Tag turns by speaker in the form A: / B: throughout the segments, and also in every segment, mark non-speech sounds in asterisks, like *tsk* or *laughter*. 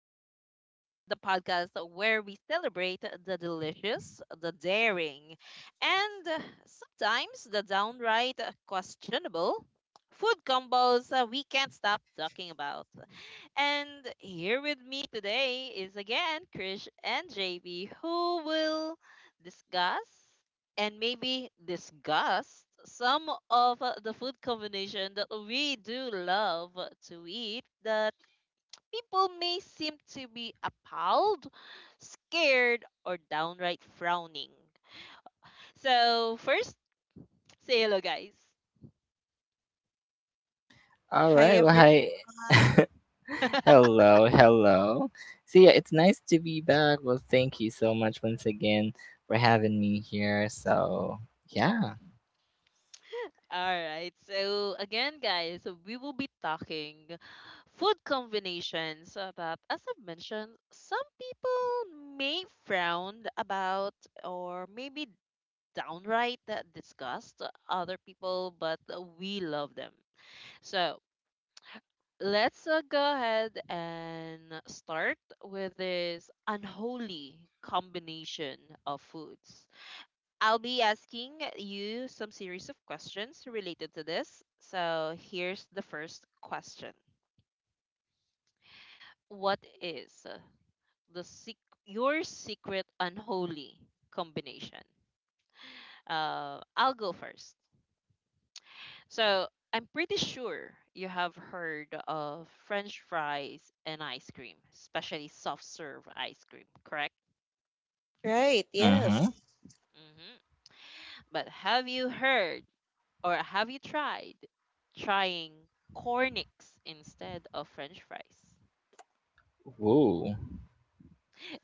A: in the Road, the podcast where we celebrate the delicious, the daring, and sometimes the downright questionable food combos we can't stop talking about. And here with me today is again Krish and JB, who will discuss and maybe disgust some of the food combination that we do love to eat, that people may seem to be appalled, scared, or downright frowning. So, first, say hello, guys.
B: All
C: Hi
B: right. Well, hi.
C: everyone.
B: *laughs* Hello, hello. So yeah, it's nice to be back. Well, thank you so much once again for having me here. So yeah.
A: All right. So again, guys, we will be talking food combinations that, as I've mentioned, some people may frown about, or maybe downright disgust other people, but we love them. So let's go ahead and start with this unholy combination of foods. I'll be asking you some series of questions related to this. So here's the first question. What is, the sec- your secret unholy combination? I'll go first. So I'm pretty sure you have heard of French fries and ice cream, especially soft serve ice cream, correct?
C: Right,
B: Mm-hmm.
C: yes.
A: Hmm. But have you tried trying cornix instead of french fries?
B: Woo.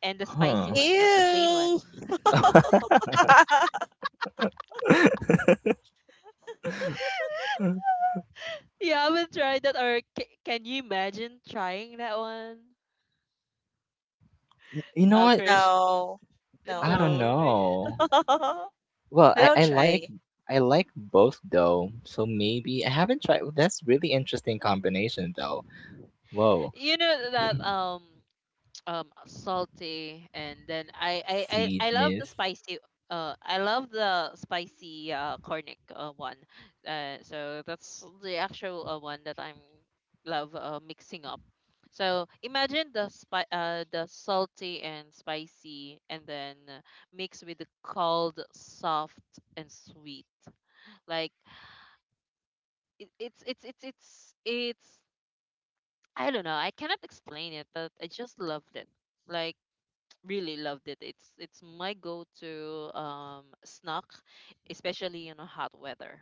A: And the spicy
B: Huh.
A: one, not the plain one.
C: Ew.
A: *laughs*
C: *laughs*
A: You haven't tried that, or can you imagine trying that one?
B: You know what?
A: Krish,
C: No. No,
B: I don't
C: no.
A: no. *laughs*
B: know.
C: *laughs*
B: Well,
C: But
B: I,
C: I'll
B: I like
C: try.
B: I like both though. So maybe I haven't tried. That's really interesting combination though. Whoa,
A: You know that salty, and then I, I love the
B: sweetness.
A: spicy I love the spicy cornic one. So that's the actual one that I'm love, mixing up. So imagine the salty and spicy, and then mixed with the cold, soft, and sweet. Like, it, it's I don't know. I cannot explain it, but I just loved it. Like, really loved it. It's my go-to snack, especially in a hot weather.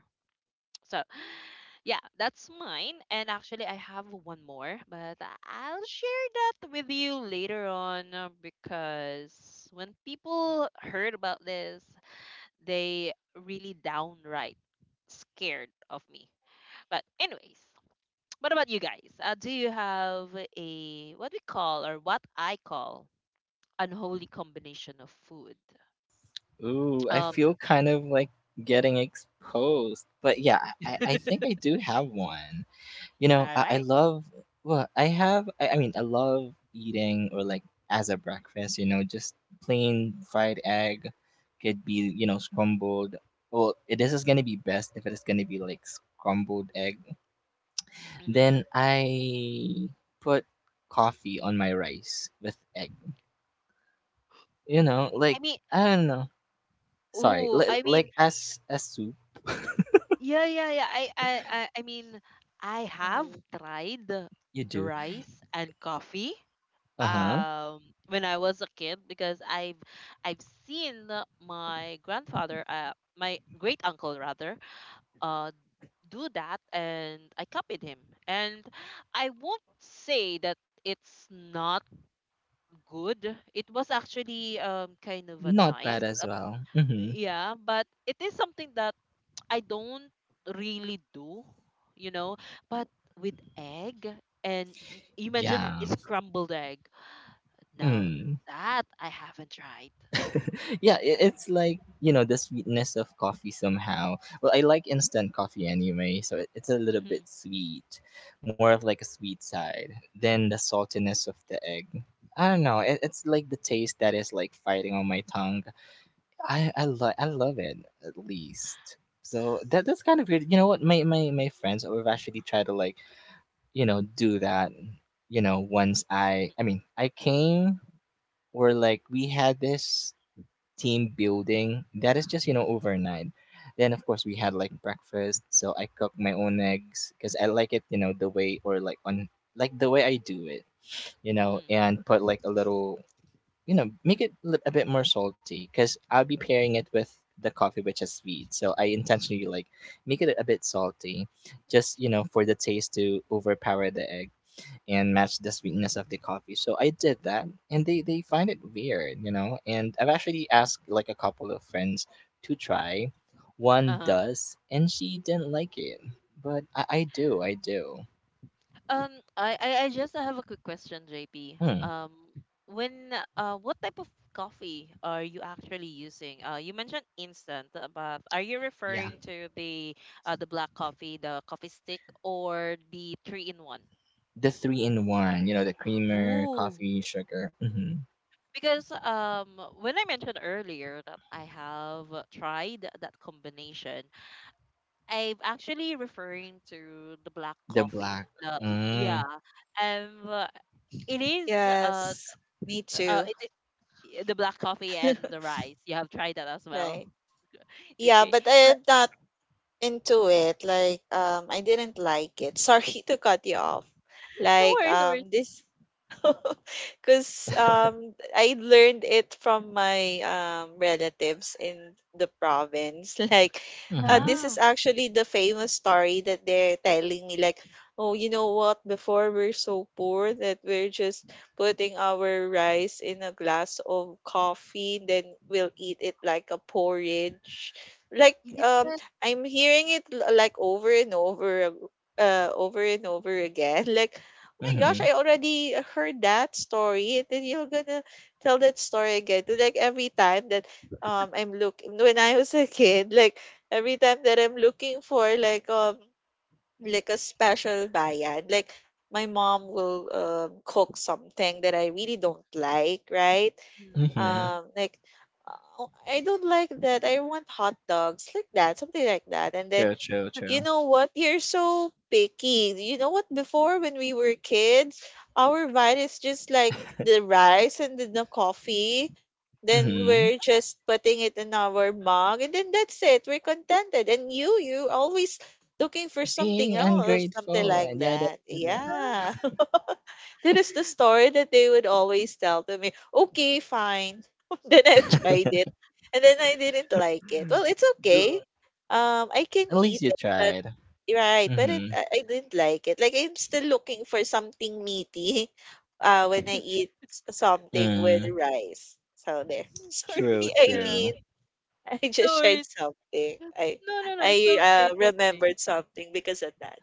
A: So, *sighs* yeah, that's mine. And actually, I have one more, but I'll share that with you later on, because when people heard about this, they really downright scared of me. But anyways, what about you guys? Do you have a, what we call, or what I call, unholy combination of food?
B: Ooh, I
A: Um,
B: feel kind of like getting exposed. But yeah, I think
A: *laughs*
B: I do have one. You
A: all
B: know, I
A: right.
B: love, well, I have, I mean, I love eating or like as a breakfast, you know, just plain fried egg, could be, you know, scrambled. Well, this is going to be best if it is going to be like scrambled egg.
A: Mm-hmm.
B: Then I put coffee on my rice with egg. You know,
A: I
B: like,
A: mean,
B: I don't know. Sorry,
A: ooh, I mean,
B: like as a soup.
A: yeah, yeah, yeah. I mean, I have
C: Mhm.
A: tried
B: You do.
A: rice and coffee
B: Uh-huh.
A: um when I was a kid, because I've seen my grandfather, my great uncle rather, uh, do that, and I copied him. And I won't say that it's not good. It was actually kind of a
B: Not bad
A: nice.
B: as well. Mm-hmm.
A: Yeah, but it is something that *tsk* I don't really do, you know but with egg. And you mentioned it's
B: Yeah.
A: scrambled egg. Now
B: Mm.
A: that I haven't tried.
B: *laughs* Yeah, it's like, you know, the sweetness of coffee somehow. Well, I like instant coffee anyway, so it's a little bit
A: Hmm.
B: sweet. More of like a sweet side than the saltiness of the egg. I don't know. It's like the taste that is like fighting on my tongue. I love it at least. So that's kind of weird. You know what? My friends have actually tried to like, you know, do that, you know, once I mean, I came or like we had this team building that is just, you know,
A: Hmm.
B: overnight. Then of course we had like breakfast, so I cooked my own eggs cuz I like it, you know, the way or like on like the way I do it, you know,
A: Hmm.
B: and put like a little, you know, make it a bit more salty cuz I'll be pairing it with the coffee which is sweet. So I intentionally like make it a bit salty just, you know, for the taste to overpower the egg and match the sweetness of the coffee. So I did that, and they find it weird, you know. And I've actually asked like a couple of friends to try. One
A: Uh-huh.
B: does, and she didn't like it, but I do, I do.
A: I just have a quick question, JP.
B: Hmm.
A: When What type of coffee are you actually using? You mentioned instant, but are you
B: Yeah,
A: referring to the, the black coffee, the coffee stick, or the three in one?
B: the three in one, you know, the creamer,
A: Ooh,
B: coffee, sugar. Hmm.
A: because when I mentioned earlier that I have tried that combination, I'm actually referring to the black
B: The
A: coffee.
B: black.
A: Yeah,
B: Mm,
A: and it is, uh
C: Yes. Me
A: uh
C: too.
A: it, the black coffee and the
C: *laughs*
A: rice. You have tried that as well.
C: Right.
A: *laughs*
C: Yeah,
A: Okay,
C: but
A: but
C: I'm not into it. Like, I didn't like it. *laughs* Sorry to cut you off.
A: no
C: Like,
A: worries, no worries.
C: this *laughs* because I learned it from my relatives in the province. *laughs* Like,
B: hmm.
C: this
A: Yeah,
C: is actually the famous story that they're telling me. Like, oh, you know what? Before we're so poor that we're just putting our rice in a glass of coffee, then we'll eat it like a porridge. Like,
A: yes.
C: I'm hearing it like over and over. Over and over again *laughs* like, oh my gosh, I
B: Hmm.
C: already heard that story. And then you're gonna tell that story again. To like every time that I'm looking when I was a kid, like every time that I'm looking for like a special bayan, like my mom will cook something that I really don't like, right?
A: Mm, Uh,
B: Hmm.
C: Like I don't like that. I want hot dogs like that, something like that. And then,
B: True, true,
C: you
B: true.
C: know what? You're so picky. You know what? Before, when we were kids, our diet is just like the rice and then the coffee. Then
B: Hmm.
C: we're just putting it in our mug, and then that's it. We're contented. And you always looking for something
B: Being
C: else, something
B: ungrateful
C: like
B: and yada
C: that.
B: yada.
C: Yeah. *laughs* That is the story that they would always tell to me. Okay, fine. *laughs* Then I tried it, and then I didn't like it. Well, it's okay.
B: Duh.
C: I can
B: At least
C: eat,
B: you
C: but
B: tried.
C: right, but it,
B: Hmm.
C: I didn't like it. Like I'm still looking for something meaty *laughs* when I
A: *laughs*
C: eat something with
B: Mm,
C: rice. So there. *laughs* Sorry,
B: true,
A: yeah,
B: true.
C: Eileen. I
A: no
C: just shared
A: worries.
C: something. I
A: No, no, no,
C: I
A: it's okay,
C: uh
A: it's okay.
C: remembered something because of that.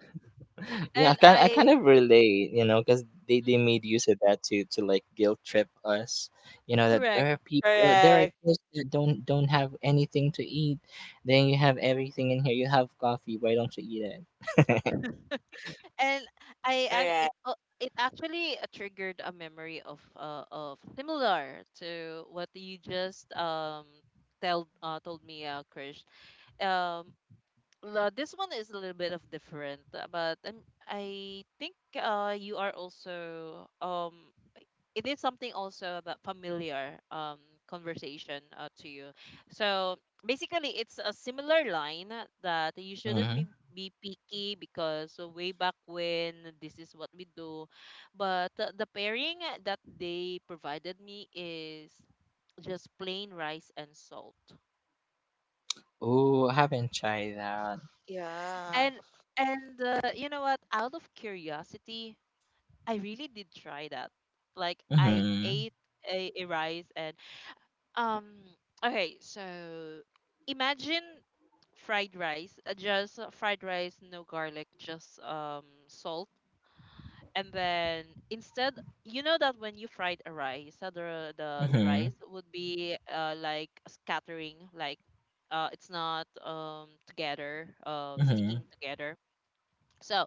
B: Yeah, I
A: And
B: kind I
A: I,
B: kind of relate, you know, because they made use of that to like guilt trip us, you know, that
A: correct.
B: there are people, there are
C: Correct.
B: kids that don't have anything to eat. Then you have everything in here. You have coffee. Why don't you eat it?
A: And I ac- it
C: Correct.
A: al- it actually triggered a memory of, similar to what you just tell told me, Krish. Um this one is a little bit of different, but I think you are also, it is something also that familiar conversation, to you. So basically it's a similar line, that you shouldn't be,
B: Mm-hmm.
A: be picky, because way back when this is what we do, but the pairing that they provided me is just plain rice and salt.
B: Oh, I haven't tried that.
C: Yeah.
A: And and uh, you know what, out of curiosity, I really did try that. Like I
B: Mm-hmm.
A: ate a rice and. Um, okay, so imagine fried rice, just fried rice, no garlic, just salt. And then, instead, you know that when you fried a rice, the
B: Mm-hmm.
A: rice would be, like, scattering. Like, it's not, together,
B: Mm-hmm.
A: sticking together. So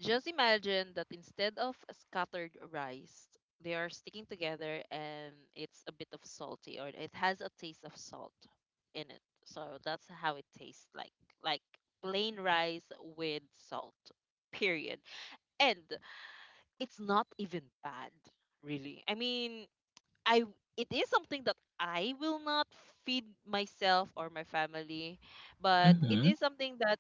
A: just imagine that instead of scattered rice, they are sticking together and it's a bit of salty, or it has a taste of salt in it. So that's how it tastes like plain rice with salt. Period. And it's not even bad, really. I mean, it is something that I will not feed myself or my family, but it
B: Mm-hmm.
A: is something that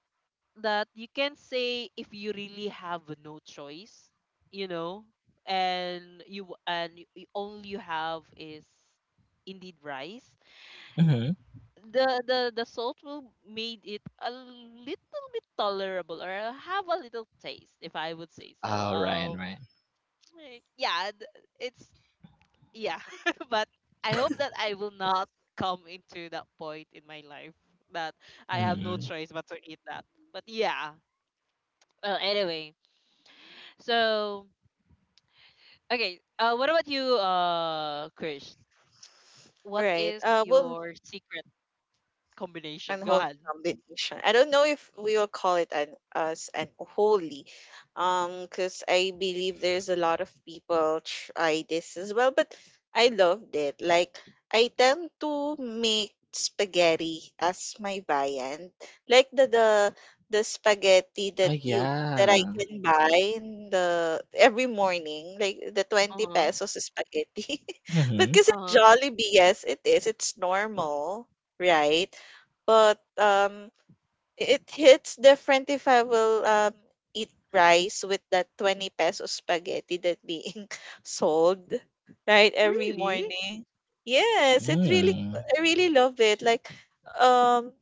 A: that you can say if you really have no choice, you know, and you and y- y- all you have is indeed rice.
B: Mm-hmm.
A: The salt will made it a little bit tolerable, or have a little taste, if I would say so.
B: Oh, right, right.
A: Yeah, th- it's yeah, *laughs* but I hope that I will not come into that point in my life, that I have no
B: Mm-hmm.
A: choice but to eat that. But yeah. Well, anyway. So, okay. What about you, Krish? What
C: Right.
A: is
C: Well,
A: your secret combination? Go
C: unholy
A: ahead.
C: combination. I don't know if we will call it an as unholy, because I believe there's a lot of people try this as well. But I loved it. Like I tend to make spaghetti as my viand, like the spaghetti
B: Oh
C: that you that I
B: yeah.
C: can buy in the every morning, like the
A: Uh
C: 20
A: huh.
C: pesos spaghetti. *laughs* But
B: Mm-hmm.
C: because
A: Uh
C: it's
A: huh.
C: Jollibee, yes, it is. It's normal, right? But it hits different if I will eat rice with that 20 peso spaghetti that being *laughs* sold right every
A: Really?
C: morning. Yes, it really
B: Mm.
C: I really love it. Like um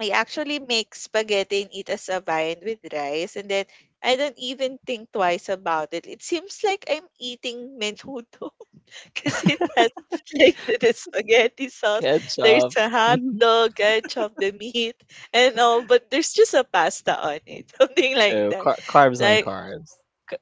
C: I actually make spaghetti and eat as a viand with rice and then I don't even think twice about it. It seems like I'm eating menudo *laughs* because it has *laughs* like the spaghetti sauce. There's
B: Ketchup.
C: a hot
B: *laughs*
C: dog, I chopped the meat, and all, but there's just a pasta on it, *laughs* something like
B: So
C: that.
B: carbs on
C: Like,
B: carbs.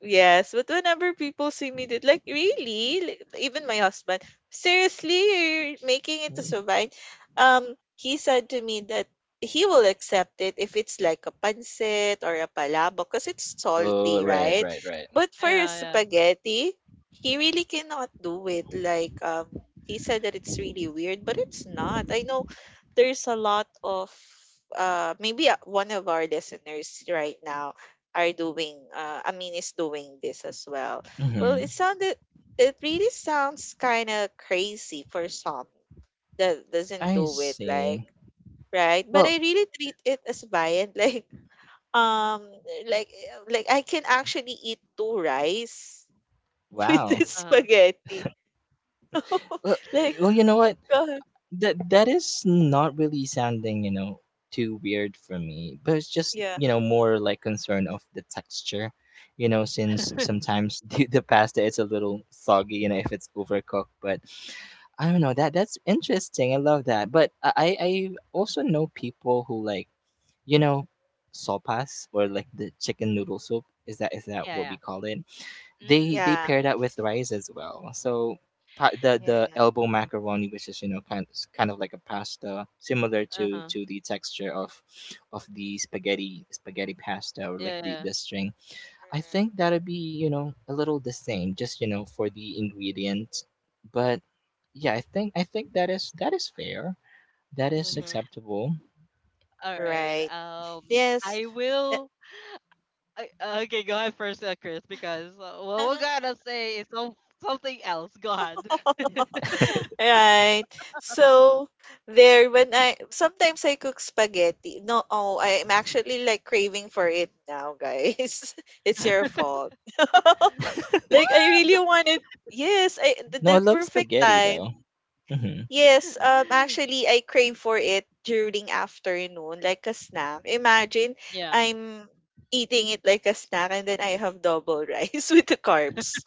C: yes, but whenever people see me, did like really, like, even my husband, seriously, you're making it to
B: Mm.
C: survive. He said to me that he will accept it if it's like a pancit or a palabok because it's
B: Oh,
C: salty,
B: right,
C: right?
B: right, right.
C: But for a
A: Yeah, yeah.
C: spaghetti, he really cannot do it. Like, he said that it's really weird, but it's not. I know there's a lot of maybe one of our listeners right now are doing I mean is doing this as well. Well, it
B: Hmm.
C: sounded, it really sounds kind of crazy for some that doesn't
B: I
C: do it like,
B: see.
C: right, but
B: Well,
C: I really treat it as viand *laughs* um like I can actually eat two rice *laughs* with
B: wow.
C: this
A: Uh huh.
C: spaghetti. *laughs*
B: Well,
C: Like,
B: well, you know what?
C: God,
B: That that is not really sounding, you know, too weird for me. But it's just,
C: yeah.
B: you know, more like concern of the texture. You know, since
A: *laughs*
B: sometimes *laughs* the pasta is a little soggy, you know, if it's overcooked. But I don't know, that that's interesting. I love that. But I also know people who like, you know, sopas, or like the chicken noodle soup, is that
A: yeah,
B: what we
A: yeah.
B: call it?
A: Mm,
B: They
C: Yeah.
B: pair that with rice as well. So
C: Yeah,
B: the
C: yeah.
B: elbow macaroni, which is you know kind of like a pasta, similar
A: uh huh.
B: to the texture of the spaghetti pasta or like
A: Yeah, yeah.
B: the string. I
C: Correct.
B: think that'll be you know a little the same, just you know for the ingredient, but yeah, I think that is fair. That is
C: Mm-hmm.
B: acceptable.
A: All right.
C: Right. Yes.
A: I will. Okay, go ahead first, Chris, because what we're
C: *laughs*
A: gonna say is something else. Go ahead. *laughs*
C: Right. So there when I sometimes I cook spaghetti. No, oh, I'm actually like craving for it now, guys. *laughs* It's your fault. *laughs*
A: What?
C: Like I really wanted, yes, I, the,
B: No,
C: the
B: I love
C: perfect
B: spaghetti
C: time.
B: though. Hmm.
C: Yes, actually I crave for it during afternoon like a snack. Imagine
A: Yeah.
C: I'm eating it like a snack and then I have double rice *laughs* with the carbs.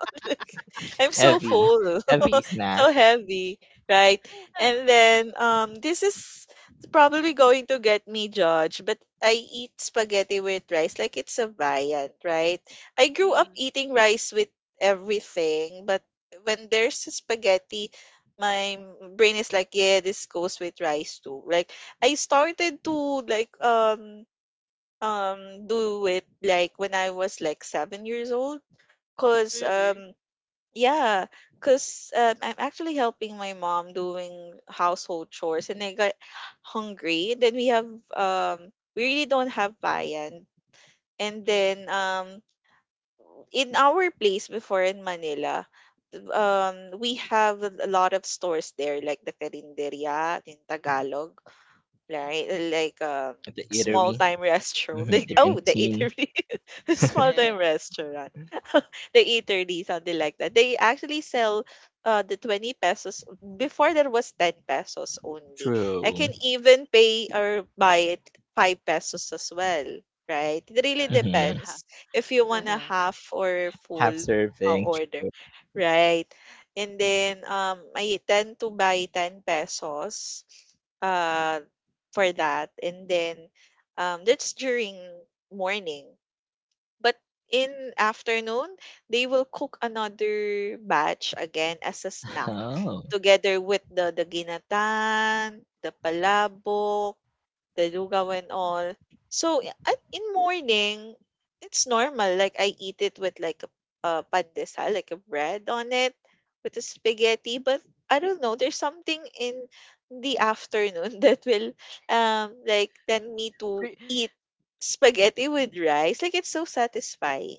C: *laughs* Like, I'm so
B: Heavy,
C: full. *laughs*
B: heavy
C: It's
B: snack
C: so heavy, right? And
A: *laughs*
C: then this is probably going to get me judged, but I eat spaghetti with rice like it's a viand, right? I grew up
A: Mm,
C: eating rice with everything, but when there's a spaghetti, my brain is like, yeah, this goes with rice too. Like I started to like do it like when I was like 7 years old. Cause
A: really?
C: yeah, because I'm actually helping my mom doing household chores, and I got hungry. Then we have we really don't have viand, and
A: Mm.
C: then in our place before in Manila, we have a lot of stores there, like the Carinderia in Tagalog, right?
A: Mm-hmm.
C: Like
B: at the
C: small
B: eatery.
C: time restaurant. *laughs*
B: Hmm,
C: Like,
B: the
C: oh,
A: Eatery.
C: the
B: canteen.
C: eatery, *laughs*
A: Yeah,
C: small time
A: yeah.
C: restaurant, *laughs* the eatery, something like that. They actually sell the 20 pesos. Before there was 10 pesos only. I can
B: True.
C: even pay or buy it 5 pesos as well. Right? It really
A: Uh, just
B: Hmm.
A: ha-
C: depends if you want a
A: uh-huh.
C: half or
B: Half
C: full
B: serving.
C: order.
B: True.
C: Right. And then I tend to buy 10 pesos uh for that. And then that's during morning. But in afternoon, they will cook another batch again as a
B: *laughs*
C: snack
B: Oh.
C: together with the ginatan, the palabok, the lugaw and all. So yeah, at, in morning, it's normal. Like I eat it with like a pandesal, like a bread on it with a spaghetti. But I don't know. There's something in the afternoon *laughs* that will like tend me to
A: Pre-
C: eat spaghetti with rice. Like it's so satisfying.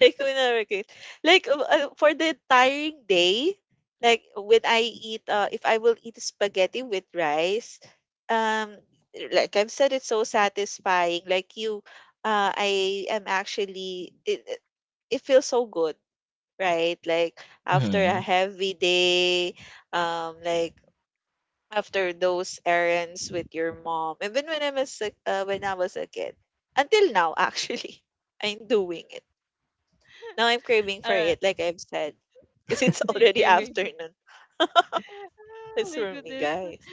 C: Like, when I work it like, for the tiring day, like, when I eat, if I will eat spaghetti with rice, um, like I've said, it's so satisfying. Like, you, I am actually, it feels so good, right? Like, after a
B: Hmm.
C: heavy day, like, after those errands with your mom, even when when I was a kid, until now, actually, *laughs* I'm doing it now I'm craving for
A: Alright,
C: it, like I've said, because it's
A: you
C: already *laughs*
A: craving.
C: afternoon.
A: *laughs* Oh
C: That's
A: my
C: for me,
A: goodness.
C: guys.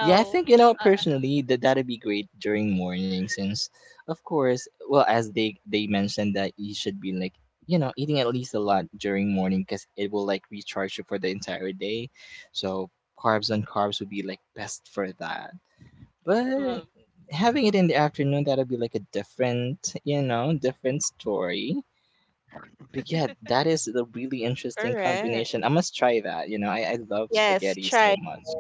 B: Yeah, I think you know
A: Uh,
B: personally that that'd be great during morning since, of course, well as they mentioned that you should be like you know eating at least a lot during morning because it will like recharge you for the entire day, so carbs and carbs would be like best for that.
A: mhm.
B: But having it in the afternoon, that'll be like a different, you know, different story. But yeah, that is a really interesting combination. I
C: Correct.
B: must try that. You know, I love
C: Yes,
B: spaghetti so
C: try.
B: much.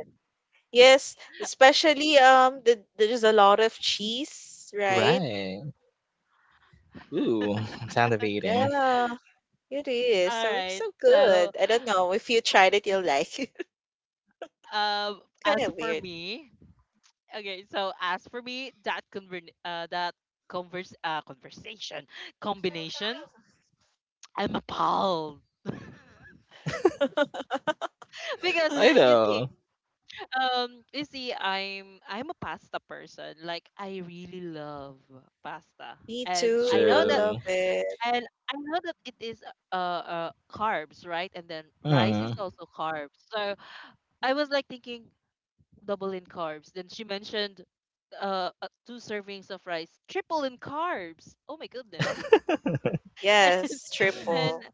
C: Yes, especially there's a lot of cheese, right?
B: Right. Ooh, *laughs* I'm sound of eating.
C: Yeah, it
A: *laughs*
C: is. So it's
A: Alright.
C: so
A: So,
C: good. I don't know if you tried it, you'll like it. *laughs*
A: um,
C: Kind
A: as
C: of
A: for
C: weird.
A: me, okay. So as for me, that conver- that converse conversation combination, I'm appalled. *laughs* Because you
C: *gasps*
A: see,
B: Lido.
A: you see, I'm a pasta person. Like, I really love pasta,
C: Me
A: and
C: too. I love
B: True.
C: it.
A: I know that it is, carbs, right? And then rice
B: Uh,
A: is also carbs. So I was like thinking double in carbs. Then she mentioned, two servings of rice, triple in carbs. Oh my goodness. *laughs* and
C: Yes,
A: and
C: triple.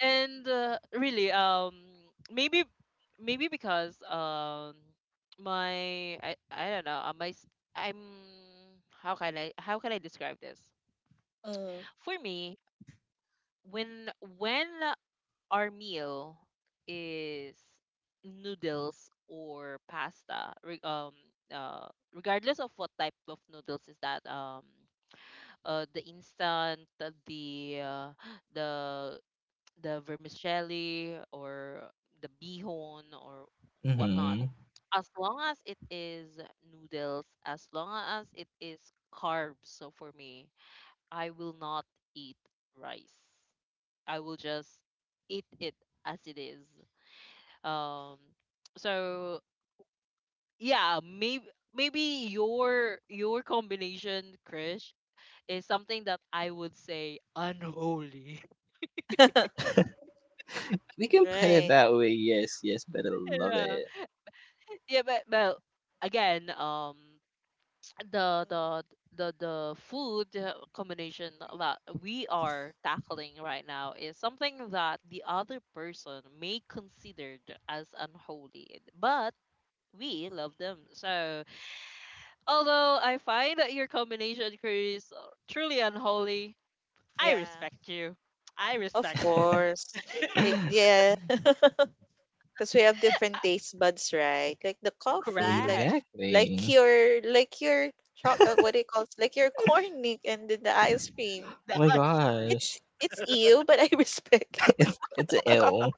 A: and really, maybe, because, my, I don't know, my, s- I'm how can I describe this?
C: Mm.
A: For me, when, when our meal is noodles or pasta, regardless of what type of noodles is that, the instant, the, *gasps* the, *tsk* the vermicelli, or the bihon, or whatnot,
B: mm-hmm.
A: as long as it is noodles, as long as it is carbs, so for me, I will not eat rice. I will just eat it as it is, um so yeah, maybe your combination, Krish, is something that I would say unholy.
C: *laughs*
B: We can put it
C: Right.
B: that way. Yes, yes, but I
A: *laughs*
B: love
A: yeah,
B: it.
A: yeah, but again, the
C: Mm.
A: the the food, combination that we are tackling right now is something that the other person may considered as unholy, but we love them. So. Although I find that your combination queries are truly unholy, I
C: Yeah,
A: respect you. I
C: of
A: respect you.
C: course. Like,
B: *gasps*
C: yeah. *laughs* Because we have different taste buds, right? Like the
B: *laughs*
C: coffee, like
A: Correct. *laughs*
C: like
B: Exactly.
C: your like your what do you call it? Like your corn Nick, and then the ice cream.
A: The
B: My
A: ice cream.
B: gosh.
C: It's you, but I *laughs* respect it.
B: *laughs* It's ill.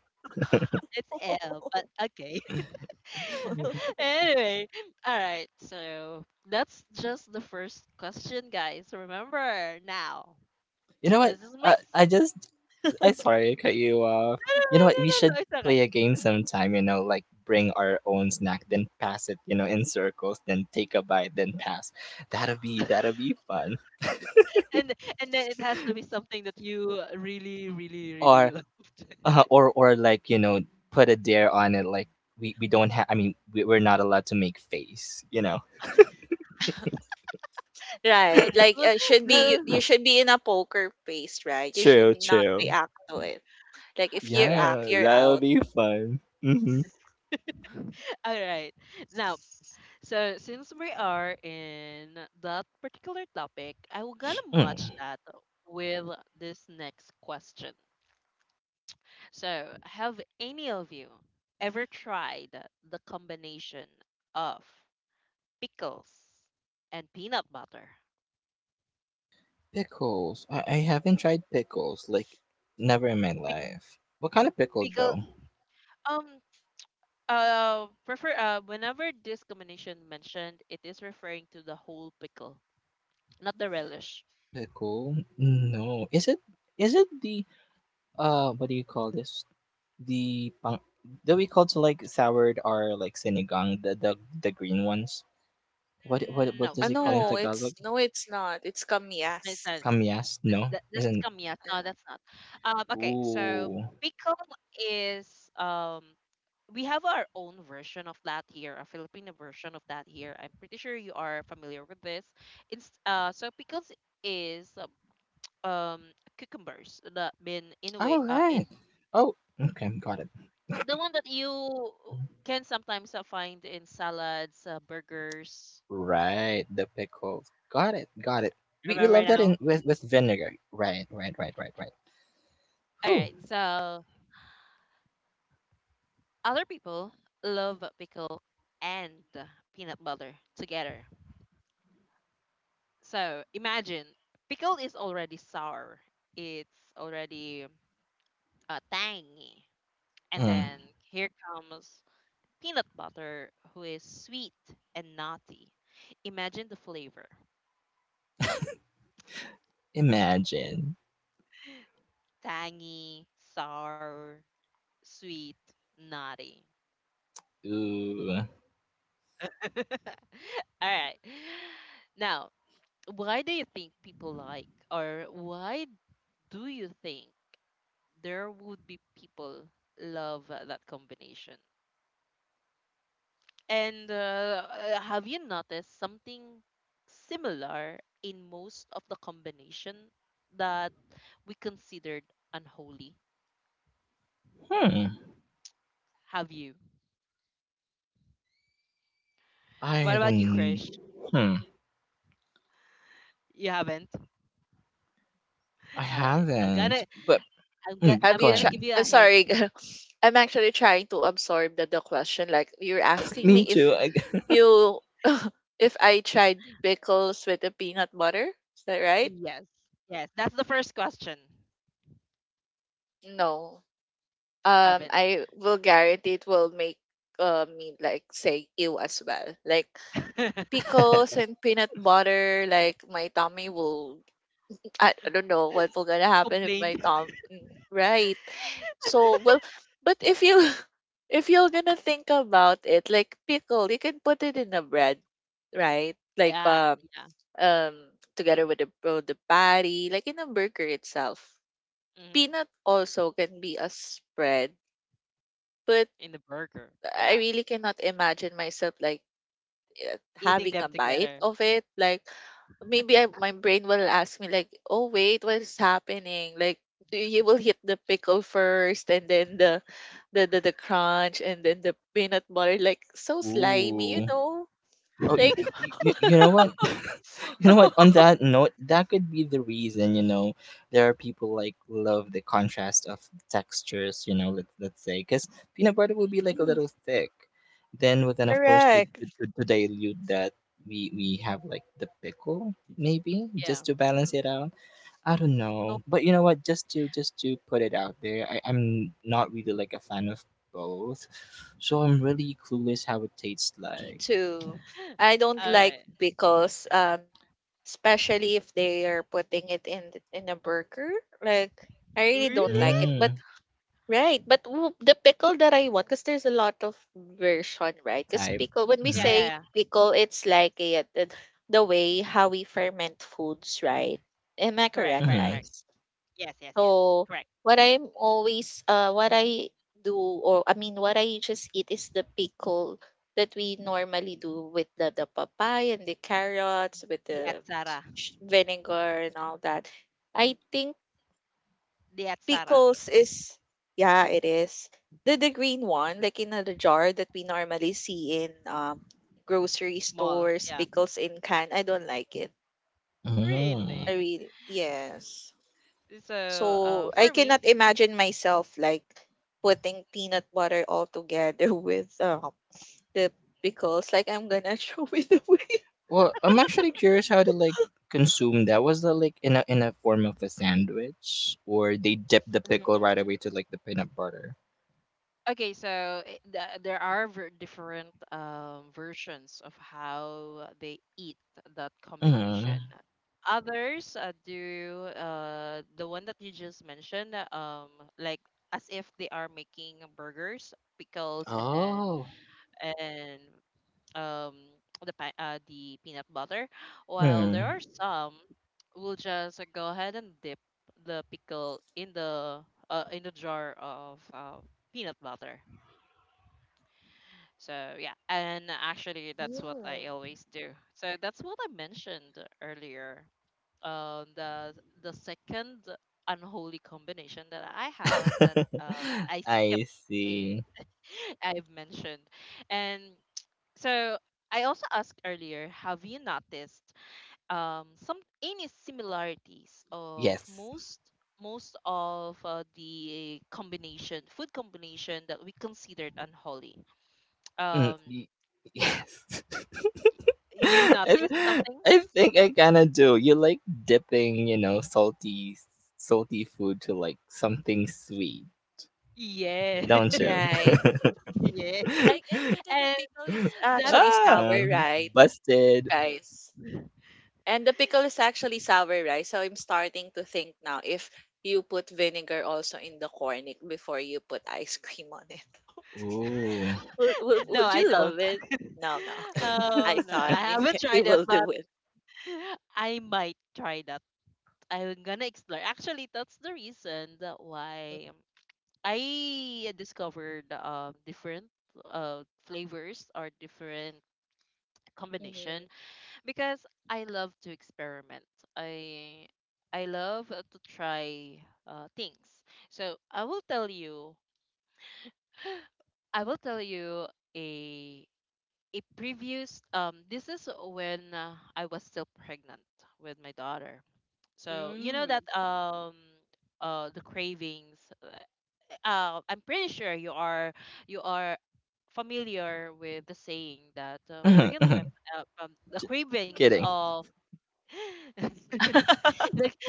A: It's L, but okay. *laughs*
C: *laughs*
A: Anyway, all right. So that's just the first question, guys. Remember now,
B: You know
A: *tsk*
B: what?
A: this is
B: Uh, I just I'm sorry, I cut you off.
A: No,
B: You
A: no,
B: know what?
A: no,
B: We
A: no, no,
B: should
A: no. It's alright.
B: play a game sometime, you know, like bring our own snack, then pass it, you know, in circles, then take a bite, then pass. That'll be fun.
A: And and then it has to be something that you really, really, really
B: Or
A: loved. *laughs*
B: or like, you know, put a dare on it like we don't have I mean, we, we're not allowed to make face, you know.
C: Right.
A: No, that
C: Like
A: was *laughs*
C: should be, you
A: no.
C: should be in a poker face, right? You should
B: True,
C: not
B: true.
C: react to it. Like if you
A: Okay.
C: react,
B: Yeah,
C: you're
B: that'll
C: out.
B: be fun. Mm-hmm.
A: All right. Now. So since we are in that particular topic, I will gonna match
B: Mm.
A: that with this next question. So have any of you ever tried the combination of pickles and peanut butter?
B: Pickles. I haven't tried pickles, like never in my
A: Pic-
B: life. What kind of pickle though?
A: Pickle, um prefer, whenever this combination mentioned, it is referring to the whole pickle, not the relish.
B: Lechon? No. Is it the what do you call this? The pang, do we call it like soured or like sinigang, the green ones? What what
A: No,
C: Ah
B: does it
A: no,
B: call in
A: no.
C: no,
B: Tagalog?
C: it's not. It's
A: It's not.
C: kamias.
B: Kamyas? No.
A: That's
B: Isn't,
A: kamyas. No, that's not. Okay, so
B: ooh.
A: pickle is, we have our own version of that here, a Filipino version of that here. I'm pretty sure you are familiar with this. It's so pickles is um, cucumbers that been in a way,
B: All
A: in
B: right. Oh, okay, got it.
A: the one that you can sometimes, find in salads, burgers.
B: Right, the pickles. Got it, got it. We
A: Remember
B: love that in
A: now?
B: with vinegar. Right, right, right, right, right.
A: All
B: Whew.
A: right, so other people love pickle and peanut butter together. So imagine, pickle is already sour. It's already, tangy. And
B: Mm.
A: then here comes peanut butter, who is sweet and naughty. Imagine the flavor:
B: Imagine.
A: tangy, sour, sweet, naughty.
B: Ooh.
A: *laughs* All right. Now, why do you think people like, or why do you think there would be people love, that combination? And, have you noticed something similar in most of the combination that we considered unholy?
B: Hmm.
A: Have you? What
B: I
A: about you,
B: don't.
A: Krish?
B: Hmm.
A: You haven't?
B: I
A: All right. I'm
B: haven't.
A: gonna,
B: But
A: I'm gonna
B: g-
C: Have
B: go
A: I'm
C: you
A: gonna
C: tried?
B: ahead.
A: give you a
C: I'm
A: hint.
C: sorry. *laughs* I'm actually trying to absorb the question. Like you're asking me
B: Me
C: if
B: too.
C: you *laughs* if I tried pickles with the peanut butter. Is that right?
A: Yes. Yes. That's the first question.
C: No.
A: Haven't.
C: I will guarantee it will make me like say ew as well. Like
A: *laughs*
C: pickles and peanut butter, like my tummy will I don't know what will gonna happen if
A: Complained.
C: my thumb right. So well, but if you *laughs* if you're gonna think about it, like pickle, you can put it in a bread, right? Like
A: Yeah, yeah.
C: um together with the patty, like in a burger itself.
A: Hmm.
C: Peanut also can be a spread, but
A: In the burger.
C: I
A: Yeah.
C: really cannot imagine myself like,
A: Eating
C: having
A: them
C: a bite
A: together.
C: of it. Like maybe my brain will ask me like, "Oh wait, what is happening?" Like do you will hit the pickle first, and then the crunch, and then the peanut butter. Like so
B: *laughs*
C: slimy, you
B: Ooh.
C: know.
B: Oh, you,
C: Like
B: you know what? *laughs* You know what? On
C: *laughs*
B: that note, that could be the reason. You know, there are people like love the contrast of textures. You know, let let's say because peanut butter will be like
A: Mhm.
B: a
C: mm,
B: little thick. Then, with then of course to
C: correct.
B: to dilute that, we have like the pickle maybe
A: Yeah.
B: just to balance it out. I don't
C: No,
B: know. But you know what, just to put it out there, I'm not really like a fan of both. So I'm really clueless how it tastes
C: me
B: like.
C: too.
A: *gasps*
C: I
A: *laughs*
C: don't
A: All
C: like
A: right.
C: pickles, especially if they are putting it in in a burger. Like I really don't like
A: Really?
C: it. But
B: Mm,
C: right, but the pickle that I want, because there's a lot of version, right? Because
B: type.
C: pickle, when we
B: Mm-hmm.
A: Yeah, yeah,
C: say
A: yeah.
C: pickle, it's like the way how we ferment foods, right? Am I
A: Correct,
C: correct,
A: correct, correct.
B: Mm-hmm.
C: guys?
A: Yes, yes, yes.
C: So
A: Correct.
C: what I do, or I mean, what I just eat is the pickle that we normally do with the papaya and the carrots, with
A: The
C: the
A: Atsara.
C: vinegar and all that. I think
A: The Atsara
C: pickles is, yeah, it is. The green one, like in the jar that we normally see in grocery
A: Mall.
C: stores,
A: Yeah.
C: pickles in can. I don't like it.
B: Mm.
C: I
A: Really?
C: really, yes.
A: So,
C: So
A: for
C: I
A: me,
C: cannot imagine myself like putting peanut butter all together *laughs* with the pickles. Like I'm gonna *laughs* throw it away.
B: Well, I'm actually curious how to like consume that. Was that like in a form of a sandwich? Or they dip the pickle right
C: Mhm.
B: away to like the peanut butter?
A: okay, so there are different versions of how they eat that combination.
B: Mm.
A: Others do the one that you just mentioned, like as if they are making burgers, pickles, and then
B: Oh.
A: and um the the peanut butter while there
B: Mm.
A: are some will just go ahead and dip the pickle in the jar of peanut butter. So yeah, and actually that's what I always do, so that's what I mentioned earlier. um the the second unholy combination that I have that
B: *laughs*
A: I skipped.
B: I
A: eh,
B: see.
A: *laughs* I've mentioned. And so I also asked earlier, have you noticed some any similarities of
B: Yes.
A: most most of the combination food combination that we considered unholy?
B: Mm,
A: Um,
B: y- *laughs* yes. *laughs*
A: you noticed
B: I,
A: something?
B: I think I kind of do. You like dipping, you know, salty salty food to like something sweet,
A: Yeah,
B: don't
A: *laughs*
B: you?
C: Right.
A: yes.
C: Like
B: *laughs*
C: and the
A: And
C: pickle is
A: that
C: actually sour,
B: Ah,
C: right,
B: busted.
A: *laughs*
C: guys? And the pickle is actually sour rice, so I'm starting to think now if you put vinegar also in the corn before you put ice cream on it. *laughs*
B: Ooh.
C: would, would,
A: no,
C: would
A: I
C: you
A: don't.
C: love it?
A: *laughs*
C: No, no, okay. I
A: No,
C: thought
A: I haven't
C: *laughs* you
A: tried it,
C: will
A: but
C: do it.
A: *laughs* I might try that. I'm gonna explore. Actually, that's the reason that why. I discovered different flavors or different
C: Hmm.
A: combination because I love to experiment. I I love to try things. So I will tell you a a previous this is when I was still pregnant with my daughter. So you know
C: Mm.
A: that the cravings. I'm pretty sure you are familiar with the saying that
B: *laughs*
A: pregnant women
B: J-
A: the cravings
B: kidding.
A: of *laughs* the,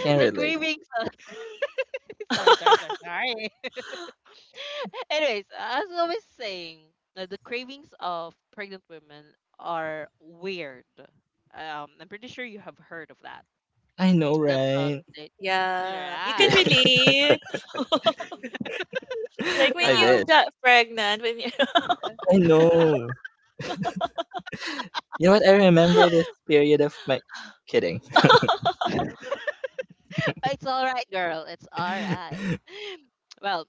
B: Can't relate.
A: cravings of *laughs* sorry sorry sorry
C: *laughs*
A: sorry *laughs* Anyways, as I was saying, the cravings of pregnant women are weird. I'm pretty sure you have heard of that.
B: I know,
A: that's uh,
B: right?
A: it-
C: Yeah, you can
A: yeah.
B: Kid-
C: relate. *laughs* Like
A: *laughs*
B: *laughs*
C: when
B: I
C: you
B: bet.
A: Now
C: got pregnant, when you
B: I know. You know what? I remember this
C: *laughs*
B: period of my. Kidding.
A: it's all right, girl, it's all
B: *laughs*
A: right. *laughs* Well,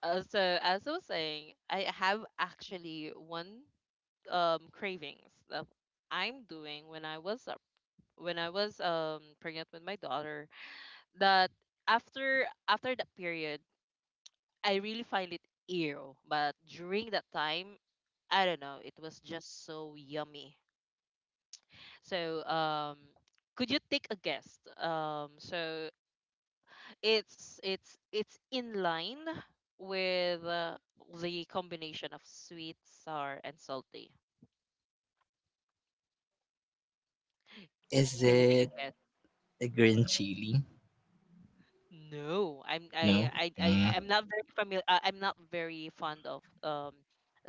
A: so as I was saying, I have actually one cravings that I'm doing when I was up when I was pregnant with my daughter, that after that period I really find it ew. But during that time, I don't know, it was just so yummy. So could you take a guess? Um, so it's in line with the combination of sweet, sour, and salty.
B: Is
A: Can you take a
B: it
A: guess?
B: a green chili?
A: No, I'm I
B: No.
A: I I
B: Mm.
A: I'm not very familiar. I'm not very fond of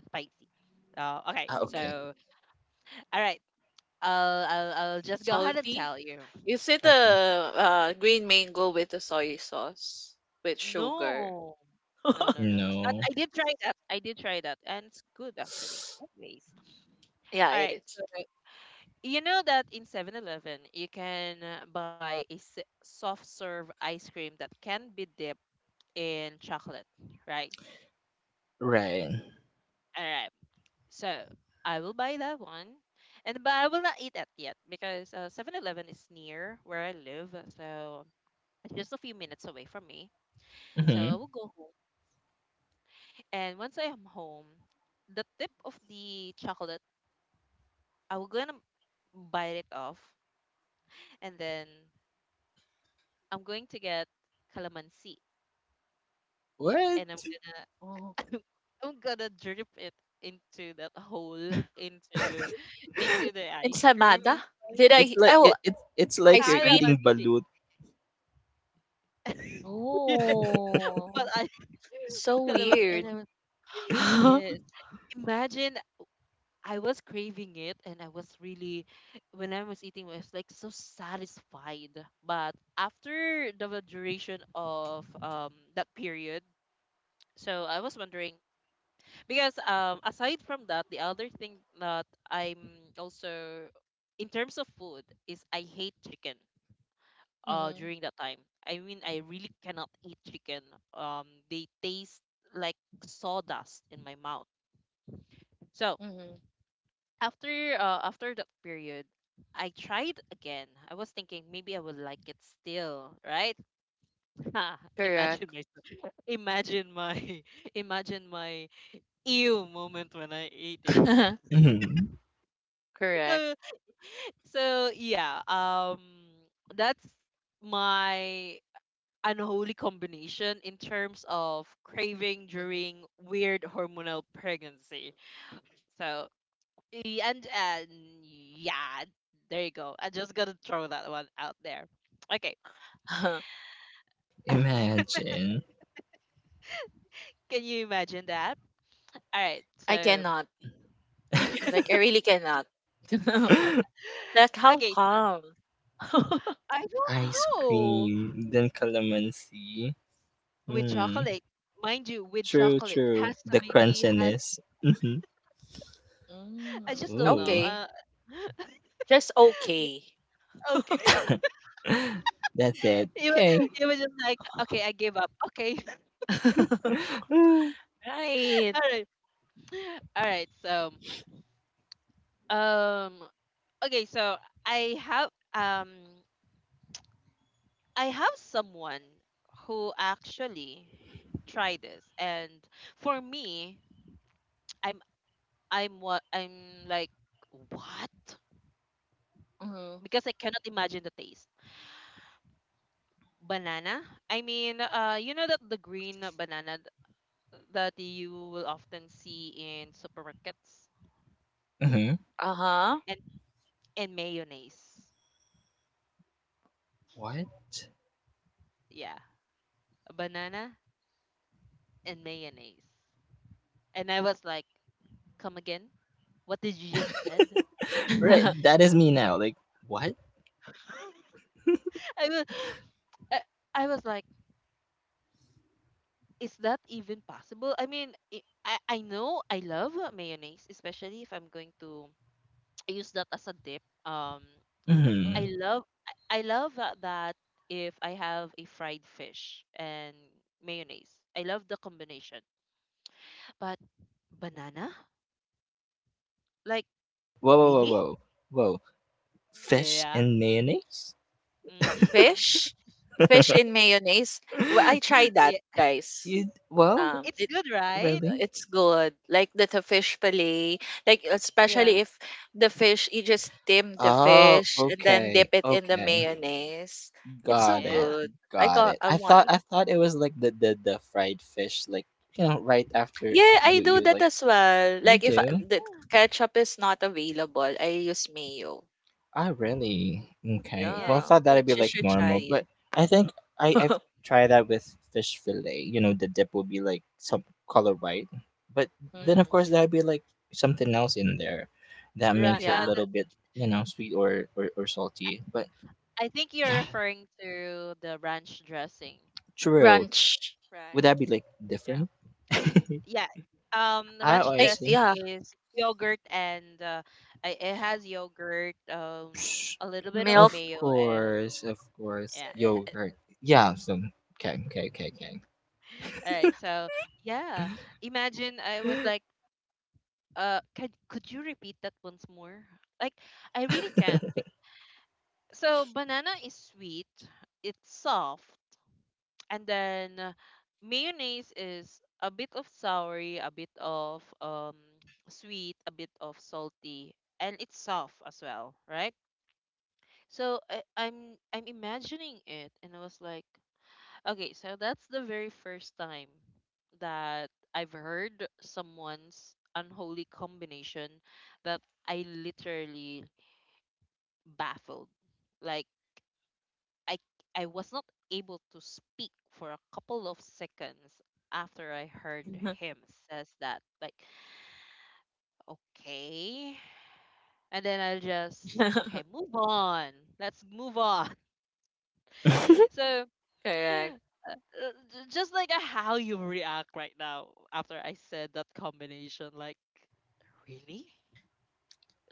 A: spicy. Okay,
B: Ah, okay.
A: so all right, I'll just go ahead and
C: salty.
A: tell you.
C: Is it a
B: Okay.
C: green mango with the soy sauce with sugar?
A: No, no,
C: *laughs*
A: no, no. But
B: No.
A: I did try that. I did try that, and it's good actually. Anyways,
C: Yeah,
A: all
C: it
A: right.
C: is.
A: So you know that in 7-Eleven you can buy a soft serve ice cream that can be dipped in chocolate, right?
B: Right.
A: All right. So I will buy that one. And but I will not eat that yet because 7 is near where I live, so it's just a few minutes away from me. So I
B: Hmm.
A: will go home, and once I am home, the tip of the chocolate, I will gonna bite it off, and then I'm going to get calamansi, and I'm
B: What?
A: gonna
C: Oh.
A: *laughs* I'm gonna drip it into that hole, into into
B: *laughs*
A: the ice cream
C: Ensamada?
A: inside.
C: Did
B: It's
C: I?
B: like
C: Oh,
B: it's like
C: ice
B: you're
C: cream?
B: eating
A: Calamansi.
B: balut.
A: *laughs* Yes, but
C: Oh,
A: I
C: so
A: *laughs* calamansi and
C: weird.
A: I was, *gasps*
C: *laughs*
A: *laughs*
C: Hmm.
A: yes. Imagine I was craving it and I was really when I was eating I was like so satisfied. But after the duration of that period, so I was wondering because aside from that, the other thing that I'm also in terms of food is I hate chicken during that time. I mean, I really cannot eat chicken. They taste like sawdust in my mouth. So
C: Hmm.
A: after that period I tried again. I was thinking maybe I would like it still, right? *laughs* Imagine
C: Correct.
A: my *laughs* imagine my *laughs* imagine my ew moment when I ate it.
C: *laughs*
A: *laughs*
B: Mhm.
C: Correct.
A: So, so yeah, that's my unholy combination in terms of craving
C: Hmm.
A: during weird hormonal pregnancy. So and yeah, there you go. I just gotta throw that one out there. Okay, *laughs* can
B: Imagine.
A: you imagine that? All right,
C: *laughs* I
A: so
C: cannot.
A: you can.
C: Like, I
A: *laughs*
C: really cannot.
B: *gasps* *laughs*
C: *laughs* Like, how
A: Okay, so
C: come? *laughs*
A: I don't
B: Ice
A: know,
B: cream, then calamansi.
A: with
B: Hmm.
A: chocolate, mind you, with
B: True,
A: chocolate it
B: true.
A: has to
B: The
A: be has.
B: crunchiness. Mm-hmm.
C: Mm,
A: I just don't know.
B: Ooh.
C: okay. Just
A: Yeah,
C: okay.
A: okay.
C: *laughs*
A: *laughs*
B: *gasps* *laughs* That's it.
A: You were,
B: Okay.
A: you were just like, okay, I gave up. Okay. *laughs*
B: *gasps*
C: *laughs*
B: *laughs*
C: Right.
A: All right. All right. So, um, okay. So I have, um, I have someone who actually tried this, and for me, I'm, I'm what, I'm like, what?
C: Mhm.
A: Because I cannot imagine the taste. Banana. I mean, you know that the green banana that you will often see in supermarkets
B: Mm-hmm.
C: Uh-huh.
A: and mayonnaise.
B: What?
A: Yeah, a banana and mayonnaise. And I was like, "Come again? What did you just said?"
B: Right,
C: *laughs*
B: that is me now. Like, what?
A: *laughs* I was, I, I was like, "Is that even possible?" I mean, I know I love mayonnaise, especially if I'm going to use that as a dip. I
C: Mhm.
B: Mm-hmm.
A: love I love that if I have a fried fish and mayonnaise. I love the combination. But banana? Like
B: Whoa, whoa, whoa,
A: really?
B: whoa. Whoa. Fish
A: Yeah.
B: and mayonnaise?
A: Mm-hmm.
C: Fish? Fish in mayonnaise? Well, I
B: *laughs*
C: tried
A: Yeah,
C: that, guys.
B: You well,
C: Um,
A: it's
C: it
A: good, right?
B: really?
C: it's good. Like the fish fillet, like
A: Yeah,
C: especially if the fish, you just steam the
B: Oh,
C: fish and then dip
B: okay.
C: it in the
B: Okay.
C: mayonnaise. It's so
B: Got it.
A: yeah,
C: good.
B: Got it.
C: I
B: I thought
C: want.
B: I thought it was like the fried fish like you know right after
C: Yeah, I
B: you
C: do
B: you
C: that
B: like
C: as well.
B: you
C: Like if
B: do.
C: the ketchup is not available, I use mayo.
B: I really okay.
A: yeah,
B: Well, I
A: it's
C: Yeah,
B: thought
A: good.
B: that'd be
C: she
B: like
C: should try
B: normal,
C: it.
B: but I think I've
C: *laughs*
B: tried that with fish fillet. You know, the dip would be like some color white, but then
A: Mm.
B: of
C: hmm.
B: course that'd be like something else in there that
A: Ra-
B: makes it a
A: uh,
C: Yeah,
B: little
A: that,
B: bit you know sweet or or salty. But
A: I think you're
B: yeah,
A: referring to the ranch dressing.
B: true.
C: ranch. Right.
B: Would that be like
A: Yeah.
B: different? *laughs*
A: Yeah, the
B: Oh,
A: ranch
B: I
C: I
A: dressing
C: Yeah,
B: see.
A: is yogurt and it has yogurt,
B: Psh.
A: a little bit of
C: milk.
A: mayo, and
B: Of course,
A: yeah.
B: yogurt. Yeah. So okay,
A: *laughs* All right, so yeah, imagine I was like, can could you repeat that once more? Like, I really can't. So banana is sweet, it's soft, and then mayonnaise is a bit of soury, a bit of sweet, a bit of salty, and it's soft as well, right? So I'm imagining it, and I was like, okay, so that's the very first time that I've heard someone's unholy combination that I literally baffled. Like I I was not able to speak for a couple of seconds after I heard
C: *laughs*
A: him says that. Like, okay. And then I'll just okay, move on. Let's move on. *laughs*
B: okay.
A: So
C: Correct.
A: j- just like how you react right now after I said that combination, like really?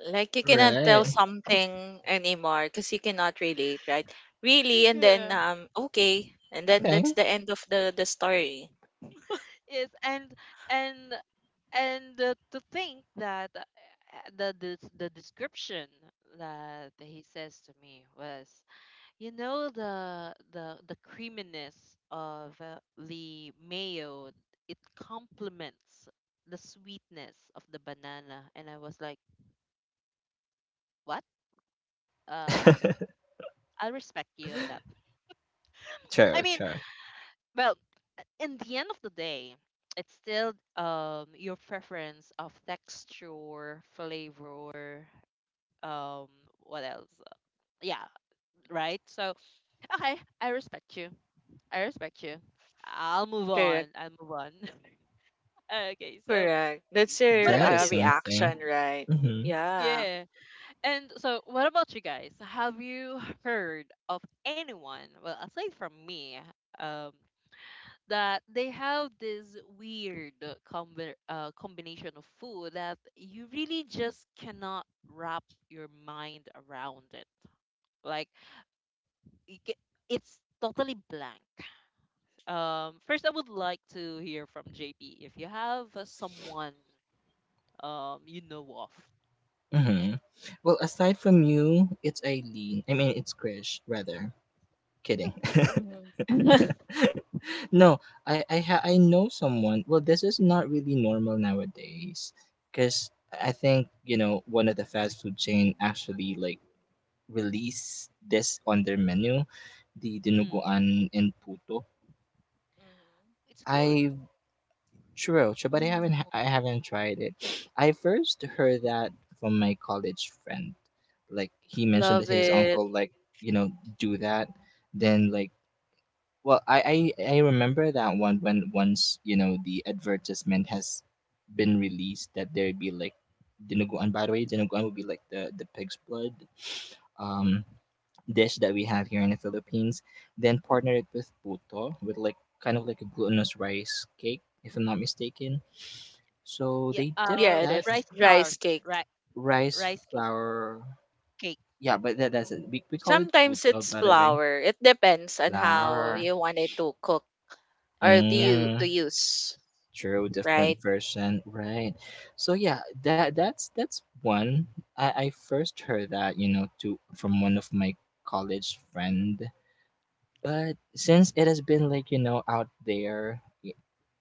C: Like
B: *laughs*
C: you
A: Is
C: cannot tell
B: Right.
C: something anymore because you cannot relate, right? Really,
A: *laughs*
C: and then
A: yeah.
C: okay, and then
B: Okay.
C: that's the end of the story. *laughs*
A: Yes, and and to think that the description that he says to me was, you know, the the creaminess of the mayo, it complements the sweetness of the banana. And I was like what. Okay,
B: *laughs*
A: I'll respect you on that. *laughs*
B: True,
A: I mean,
B: true.
A: well, in the end of the day, it's still your preference of texture, flavor, um what else, yeah, right? So okay, i respect you I respect you. i'll move on
C: Correct,
A: i'll move on *laughs* Okay, so
C: correct. That's
A: what
C: your
B: That
A: about
B: is
A: you?
B: something.
C: reaction, right?
B: Mhm.
C: Yeah.
A: Yeah, and so what about you guys, have you heard of anyone, well aside from me, um that they have this weird combination of food that you really just cannot wrap your mind around it, like you get, it's totally blank. First, I would like to hear from JP if you have someone you know of.
B: Mhm. Well, aside from you, it's Eileen. I mean, it's Krish, rather. Kidding.
A: W-
C: Mhm. *laughs*
B: *laughs* No, I know someone. Well, this is not really normal nowadays cuz I think, you know, one of the fast food chain actually like release this on their menu, the
A: Mm,
B: dinuguan and puto.
C: Mhm.
A: it's good.
B: I true, true, but
C: Mhm.
B: I haven't tried it. *sniffs* I first heard that from my college friend. Like he mentioned
A: Mm,
C: Love
B: that his
C: it.
B: uncle like, you know, do that. Then like well, I remember that one when once, you know, the advertisement has been released that there'd be like dinuguan. By the way, dinuguan would be like the pig's blood um, dish that we have here in the Philippines. Then partner it with puto, with like a glutinous rice cake, if I'm not mistaken. So
A: yeah.
B: they dip
C: Yeah, it
B: that
C: is
A: Rice flour,
C: rice cake.
A: right?
B: rice
A: Rice cake.
B: flour.
A: Cake.
B: Yeah, but that's it. We call it
C: Sometimes
B: puto,
C: it's
B: by the way.
C: flour. It depends on how
B: Flour.
C: you want it to cook or to
A: Yeah.
C: you
B: Mm,
C: to use,
B: true,
C: right?
B: different version, right? So yeah, that's one. I first heard that you know to from one of my college friend. But since it has been like, you know, out there,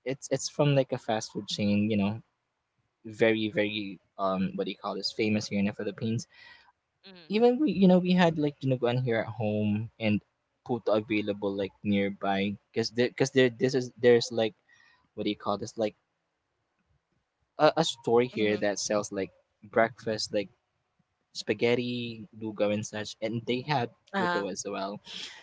B: it's from like a fast food chain, you know, very what do you call this, famous here in the Philippines.
A: Mm.
B: Even we had like dinuguan here at home and puto available like nearby because there, cause there this is there's like what do you call this, like a store here
C: Mm-hmm.
B: that sells like breakfast, like spaghetti lugaw and such, and they had
C: Uh,
B: puto as well.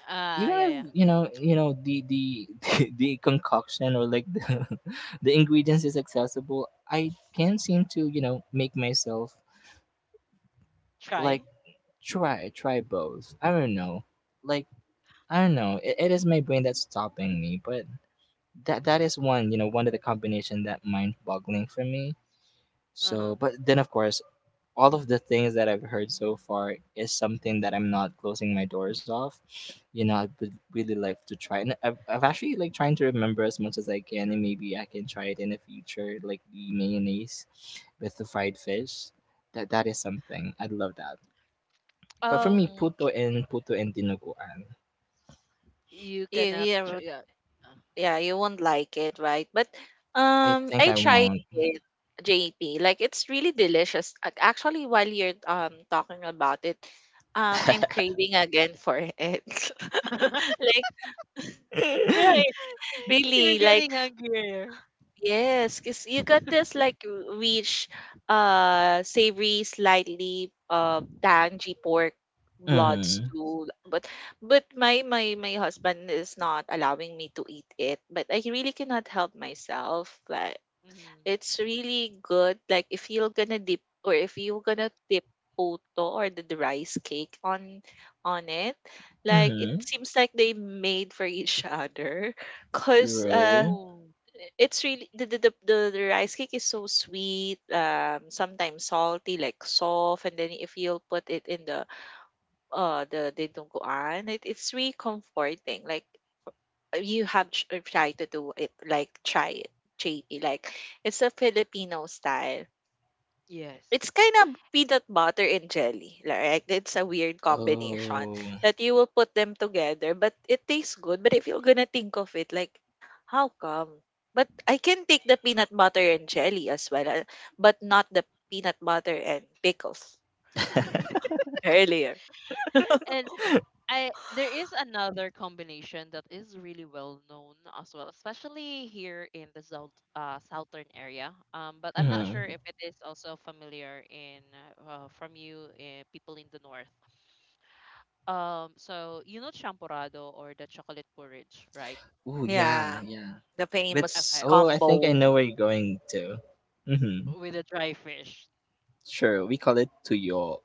A: Ah,
B: Even
A: yeah, yeah.
B: if, you know, you know, the *laughs* the concoction, or like the *laughs* the ingredients is accessible, I can't seem to, you know, make myself like
A: Try.
B: try both. I don't know, like I don't know, it is my brain that's stopping me. But that is one, you know, one of the combination that mind boggling for me.
A: Uh-huh.
B: So but then of course all of the things that I've heard so far is something that I'm not closing my doors off. You know, I would really like to try, and I've actually like trying to remember as much as I can, and maybe I can try it in the future, like the mayonnaise with the fried fish. That is something I'd love that. But for me,
A: Um,
C: mm,
B: puto and dinuguan,
A: you
C: you,
A: cannot
C: you,
A: try.
C: would-
A: Yeah.
C: yeah, you won't like it, right? But
B: I
C: I
B: think I
C: tried
B: won't.
C: it, JP. Like it's really delicious. Actually, while you're talking about it, I'm
B: *laughs*
C: craving again for it.
A: Uh.
C: *laughs* Like, right,
A: *laughs* You're
C: really, like
A: getting hungrier.
C: yes, cause you got this like rich, savory, slightly tangy pork blood
B: Mhm,
C: stew. But my husband is not allowing me to eat it. But I really cannot help myself. Like
A: Mm,
C: it's really good. Like if you're gonna dip or if you're gonna dip puto or the rice cake on it, like it
B: mhm,
C: seems like they made for each other. Cause
B: true.
A: true.
C: it's really the rice cake is so sweet sometimes salty like soft and then if you'll put it in the dinuguan it, it's really comforting like you have tried to do it like try it JP like it's a Filipino style it's
A: Yes.
C: kinda peanut butter and jelly, like, it's a weird combination
B: Oh,
C: that you will put them together, but it tastes good. But if you're gonna think of it, like, how come? But I can take the peanut butter and jelly as well, but not the peanut butter and pickles earlier.
A: *laughs* And. I there is another combination that is really well known as well, especially here in the south southern area. But I'm not sure
B: mhm.
A: if it is also familiar in from you people in the north. So you know champorado or the chocolate porridge, right?
B: Ooh, yeah,
C: Yeah,
B: yeah.
C: the
B: With
C: famous
A: Okay,
B: oh, I think I
C: combo.
B: know where you're going to. Mm-hmm.
A: with the dry fish.
B: Sure, we call it tuyo,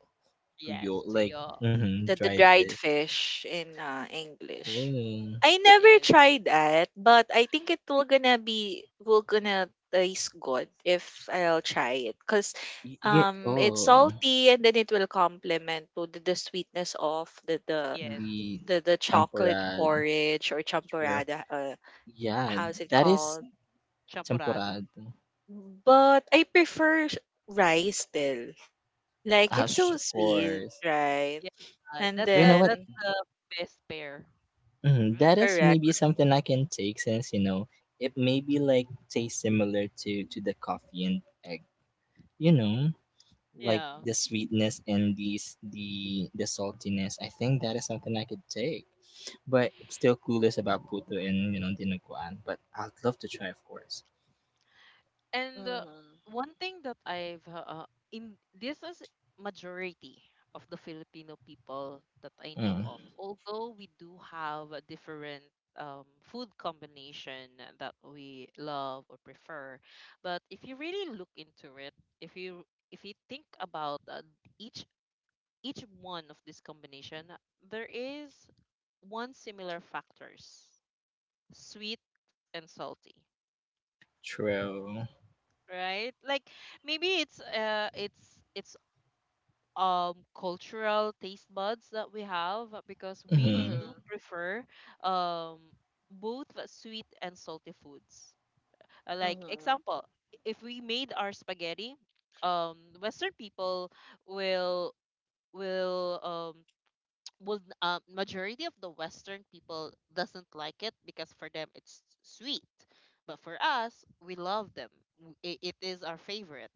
B: tuyo,
A: Yes, to
B: like
A: your
B: mm-hmm,
C: The
B: dried fish.
C: dried fish in English.
B: Oh,
C: I never
A: yes,
C: tried that, but I think it will gonna taste good if I'll try it because
B: yeah.
C: it's
B: Oh,
C: salty and then it will complement to the sweetness of the, the
A: yes,
B: the
C: the the chocolate
B: champorad.
C: porridge or
B: True.
C: champorada,
B: Yeah,
C: how's it
B: that is
C: called?
A: champorado.
B: champorad.
C: But I prefer rice still. Like
B: Ah,
C: it's
B: sh-
C: so
A: *laughs*
B: of
C: sweet,
B: course.
C: right?
A: Yeah,
C: And
A: that's
B: But you
A: a
B: know what?
A: that's
C: then
A: the best pair.
B: Mhm, that
A: Mm.
B: is
C: correct.
B: maybe something I can take, since you know it maybe like tastes similar to the coffee and egg. You know, like
A: Yeah.
B: the sweetness and these the saltiness. I think that is something I could take. But still clueless about puto and, you know, dinuguan. But I'd love to try, of course.
A: And
C: Mm-hmm.
A: one thing that I've in this is majority of the Filipino people that I know
B: Mm,
A: of. Although we do have a different food combination that we love or prefer, but if you really look into it, if you if you think about each each one of this combination, there is one similar factors: sweet and salty.
B: true.
A: Right? Like maybe it's cultural taste buds that we have because we
B: Mm-hmm.
C: Mhm.
A: do prefer um both sweet and salty foods. Like
C: Mhm.
A: example, if we made our spaghetti, Western people will will um *tsk* will majority of the Western people doesn't like it because for them it's sweet. But for us, we love them. It, it is our favorite,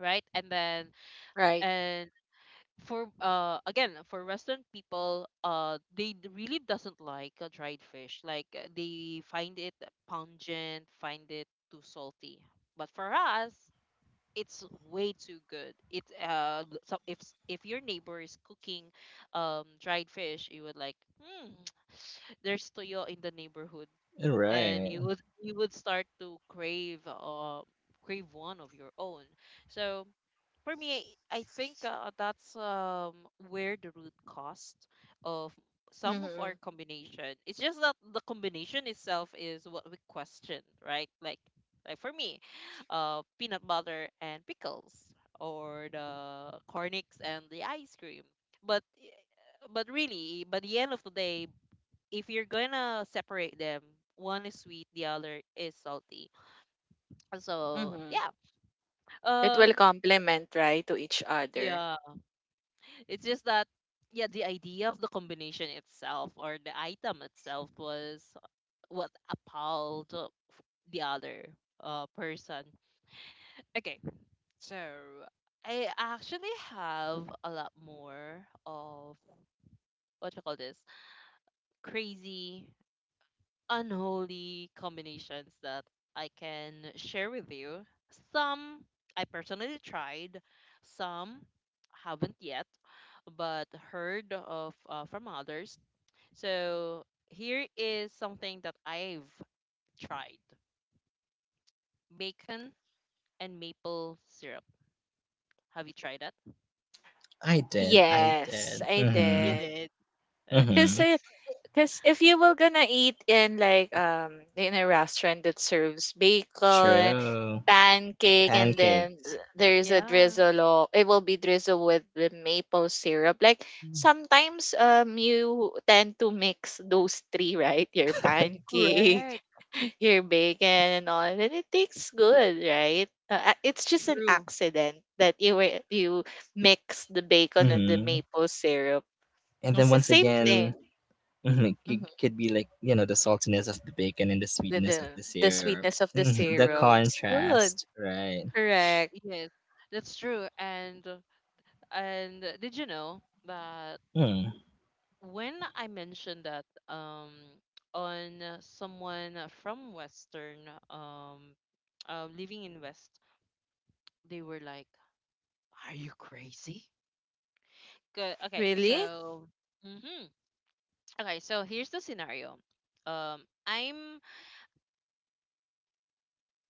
A: right? And then
C: Right.
A: and for again for Western people, they really doesn't like dried fish. Like they find it pungent, find it too salty. But for us, it's way too good. It so if if your neighbor is cooking dried fish, you would like hmm *tsk* there's toyo in the neighborhood, and
B: Right.
A: you would start to crave crave one of your own. So for me, I think that's where the root cost of some of our
C: Mhm.
A: combination. It's just that the combination itself is what we question, right? Like for me, peanut butter and pickles, or the cornix and the ice cream. But, but really, by the end of the day, if you're gonna separate them, one is sweet, the other is salty. So
C: Mhm.
A: yeah,
C: It
A: um,
C: will complement, right, to each other.
A: yeah. It's just that, yeah, the idea of the combination itself or the item itself was what appalled the other person. Okay, so I actually have a lot more of what you call this crazy, unholy combinations that I can share with you. Some I personally tried, some haven't yet, but heard of from others. So here is something that I've tried: bacon and maple syrup. Have you tried that?
B: I did. I
C: Yes,
B: did.
C: I
A: You
B: Mm-hmm.
C: did.
A: did. Uh,
C: Cause,
B: Mm-hmm.
C: uh,
A: It's
C: cause if you were gonna eat in like in a restaurant that serves bacon
B: True.
C: pancake and then
B: Pancakes.
C: there's a
A: yeah,
C: drizzle or it will be drizzled with the maple syrup, like sometimes you tend to mix those three, right? Your pancake,
A: correct.
C: *laughs* your bacon and all, and it tastes good, right? It's just an
A: True.
C: accident that you mix the bacon and the
B: Mm-hmm.
C: maple syrup.
B: And then
C: It's the
B: once
C: same
A: True.
B: again,
C: thing.
B: mhm, it
C: Mhm.
B: c- could be like, you know, the saltiness of the bacon and the
C: the,
B: sweetness of
C: the
B: the
C: the
B: syrup.
C: sweetness of the
B: Hmm. The
C: syrup,
A: True.
C: it's good.
B: contrast, right?
C: Correct.
A: Yes, that's true. And did you know that
B: Hmm.
A: when I mentioned that on someone from Western living in West, they were like, "Are you crazy? Good. Okay.
C: Really.
A: So, hmm okay. So here's the scenario. Um, I'm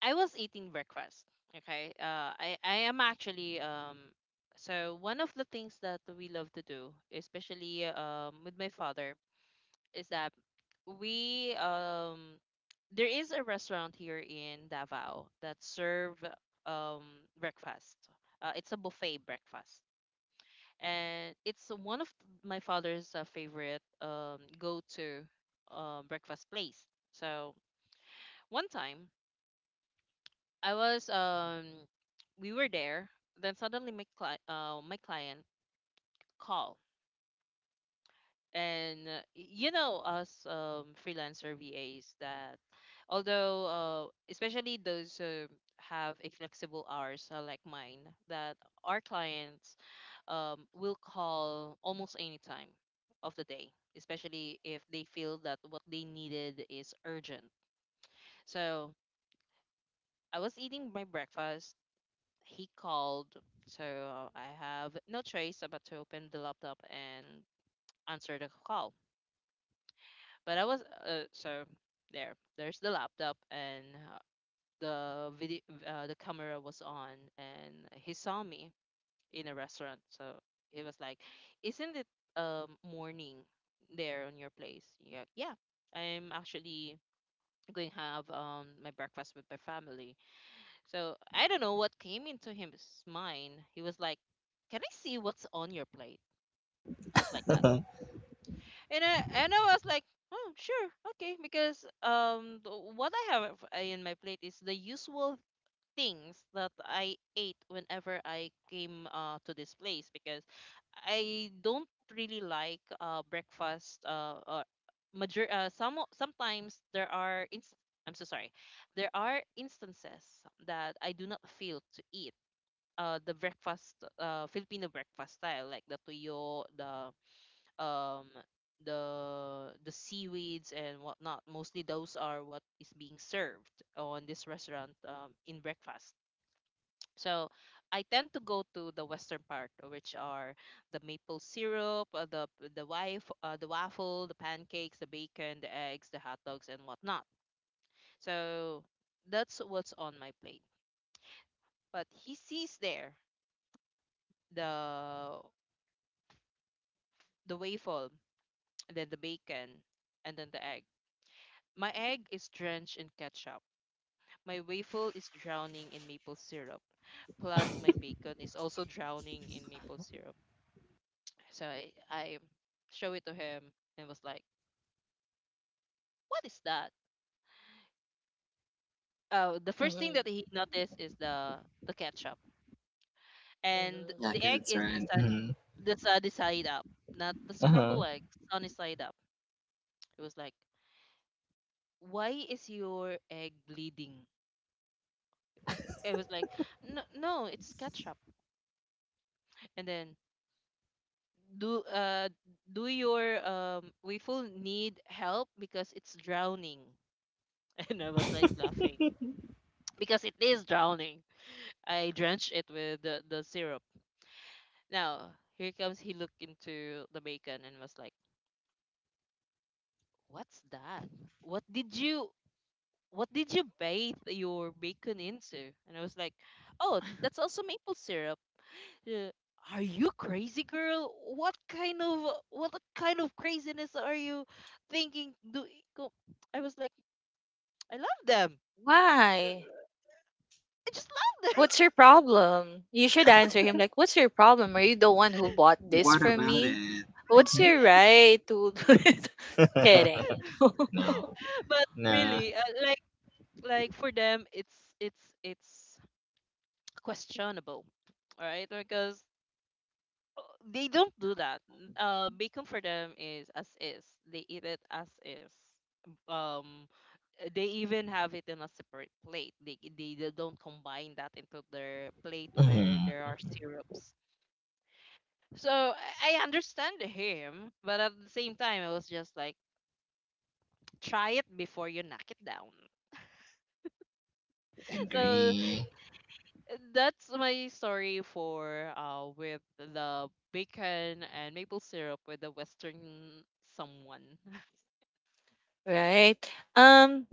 A: I was eating breakfast. Okay. I am actually. So one of the things that we love to do, especially with my father, is that we there is a restaurant here in Davao that serve um breakfast. It's a buffet breakfast. And it's one of my father's favorite go-to breakfast place. So one time I was we were there, then suddenly my my client call. And you know us freelancer VAs that although especially those who have a flexible hours like mine that our clients will call almost any time of the day, especially if they feel that what they needed is urgent. So I was eating my breakfast, he called. So I have no choice but to open the laptop and answer the call. But I was uh, so there. There's the laptop and the video, the camera was on, and he saw me in a restaurant. So he was like, "Isn't it morning there on your place?" Yeah, yeah. I'm actually going have my breakfast with my family. So I don't know what came into his mind. He was like, "Can I see what's on your plate?" Just like
B: *laughs*
A: that.
B: Yeah,
A: And I was like, oh sure, okay, because what I have in my plate is the usual things that I ate whenever I came to this place, because I don't really like breakfast or major sometimes there are I'm so sorry. There are instances that I do not feel to eat the breakfast Filipino breakfast style like the tuyo, the um the seaweeds and whatnot. Mostly those are what is being served on this restaurant in breakfast. So I tend to go to the western part, which are the maple syrup, the wife, the waffle, the pancakes, the bacon, the eggs, the hot dogs, and whatnot. So that's what's on my plate. But he sees there the the waffle, *tsk* then the bacon, and then the egg. My egg is drenched in ketchup. My waffle is drowning in maple syrup. Plus, my bacon is also drowning in maple syrup. So I show it to him and was like, "What is that?" The first thing
C: Mm-hmm.
A: that he noticed is the ketchup, and
C: Mm-hmm.
B: I
A: the
B: guess
A: egg
B: it's
A: is the
B: right.
A: sun,
B: Hmm.
A: the sunny side up, not the scrambled
B: Uh-huh.
A: egg,
B: *laughs*
A: sunny side up. It was like, "Why is your egg bleeding?" I was like, "No, no, it's ketchup." And then do do your we full need help because it's drowning *laughs* and I was like laughing because it is drowning. I drenched it with the syrup. Now here comes, he looked into the bacon and was like, what's that, what did you what did you bathe your bacon into? And I was like, oh, that's also maple syrup. Uh, are you crazy, girl? What kind of craziness are you thinking? Go- I was like, I love them. Uh,
C: Why?
A: I just love them.
C: What's your problem? You should answer him like, "What's your problem? Are you the one who bought this
B: What
C: for
B: about
C: me?
B: it?
C: What's your right to?" *laughs* Kidding.
B: *laughs*
C: *laughs*
B: No.
A: *laughs* but
B: Nah.
A: really, like for them, it's questionable, right? Because they don't do that. Bacon for them is as is. They eat it as is. Um, they even have it in a separate plate. They don't combine that into their plate where there
B: Hmm.
A: are syrups. So I understand him, but at the same time, I was just like, try it before you knock it down. *laughs* So
B: Agree.
A: that's my story for with the bacon and maple syrup with the Western someone. *laughs*
C: Right. Um,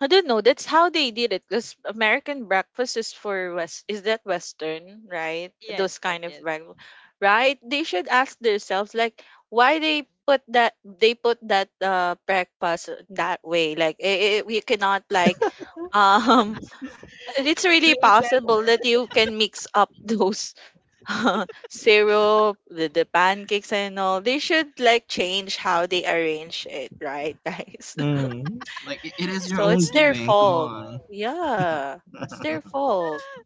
C: I don't know. That's how they did it. Because American breakfast is for West. Is that Western, right?
A: yes,
C: Those
A: yes,
C: kind of
A: yes.
C: breakfast, right? They should ask themselves like why they put that breakfast that way. Like it, we cannot like *laughs* um it's really
A: Blame them.
C: possible that you can mix up those *laughs* syrup, the pancakes and all. They should like change how they arrange it, right, guys? *laughs*
B: Hmm. Like, it is your
C: So
B: own
C: it's their
B: doing. Come
C: fault.
B: on.
C: Yeah, it's their fault,
A: *laughs*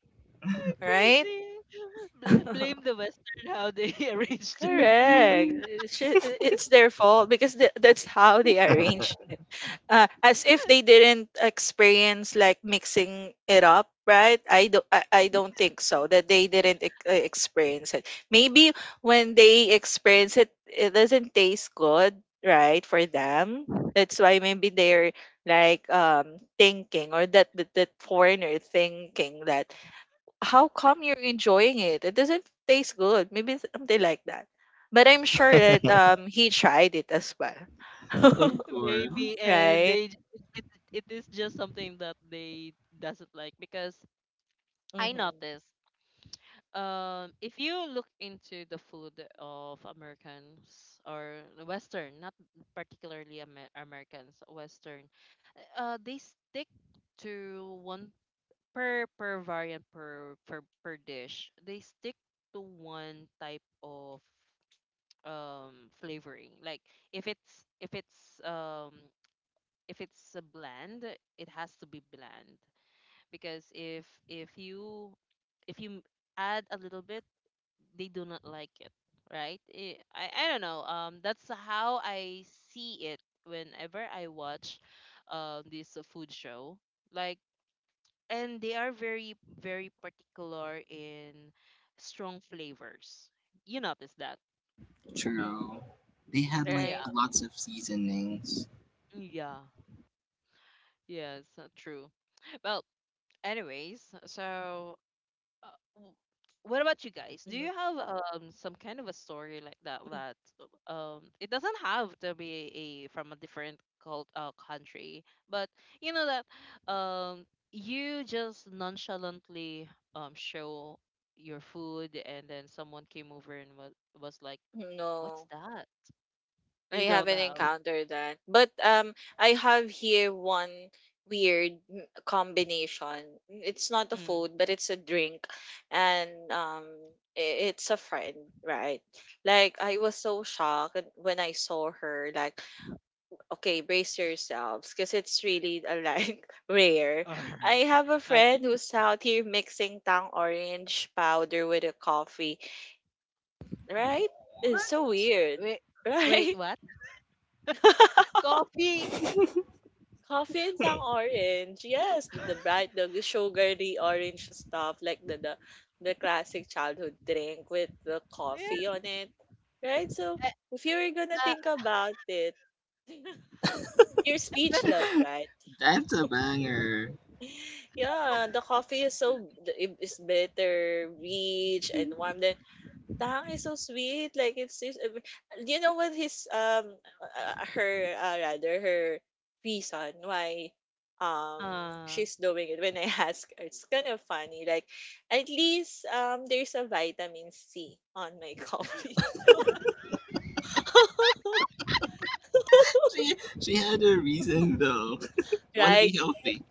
A: *laughs*
C: right?
A: Crazy.
C: *laughs* Correct.
A: Blame the Western how they *laughs* arrange their food,
B: *laughs*
C: It's their fault because that's how they arrange it. As if they didn't experience like mixing it up, right? I don't think so that they didn't experience it. Maybe when they experience it, it doesn't taste good, right, for them. That's why maybe they're like thinking or that foreigner thinking that how come you're enjoying it, it doesn't taste good. Maybe it's something like that, but I'm sure that he tried it as well.
B: Of
C: *laughs*
A: *laughs*
B: course.
A: maybe, and
C: Right.
A: they j- it is just something that they doesn't like because I
C: Hmm.
A: noticed. If you look into the food of Americans or Western, not particularly Americans, Western, they stick to one per per variant per per per dish. They stick to one type of um flavoring, like if it's if it's a bland, it has to be bland, because if you add a little bit, they do not like it, right. I don't know, that's how I see it whenever I watch this food show like. And they are very particular in strong flavors, you notice that.
C: Mhm.
B: True. They had, like,
C: Right.
A: Yeah,
B: lots of seasonings.
A: yeah, yes, true. Well, anyways, so uh, w- what about you guys? Do
C: Mhm.
A: you have some kind of a story like that, that
C: *laughs*
A: it doesn't have to be a from a different cult country, but you know that um you just nonchalantly show your food and then someone came over and was like, "What's
C: No,
A: that?"
C: I
A: You don't
C: haven't
A: have.
C: encountered that. But I have here one weird combination. It's not a
A: Mm.
C: food, but it's a drink, and i- it's a friend, right? Like I was so shocked when I saw her. Like, okay, brace yourselves, because it's really, *laughs* like,
A: *laughs*
C: rare.
A: All right.
C: I have a
A: Like,
C: friend who's out here mixing tang orange powder with a coffee. Right? It's so
B: What?
C: weird.
A: wait, wait,
C: Right?
A: what? *laughs*
C: *laughs*
A: Coffee.
C: Coffee and tang orange. Yes, the bright, the sugary orange stuff, like the classic childhood drink with the coffee
A: Eh,
C: on it. Right? So if you were gonna
A: uh,
C: think about it, *laughs* you're
A: then-
C: speechless, right?
B: *laughs* That's a banger.
C: *laughs* Yeah, the coffee is so it is better, rich and warm. Then Tang is so sweet. Like, it's do you know what his her rather her reason why um
A: uh,
C: she's doing it when I *laughs* ask her. It's kind of funny. Like, at least there's a vitamin C on my coffee. *laughs*
B: She, she had a reason, though. You want to be
C: Right.
B: healthy.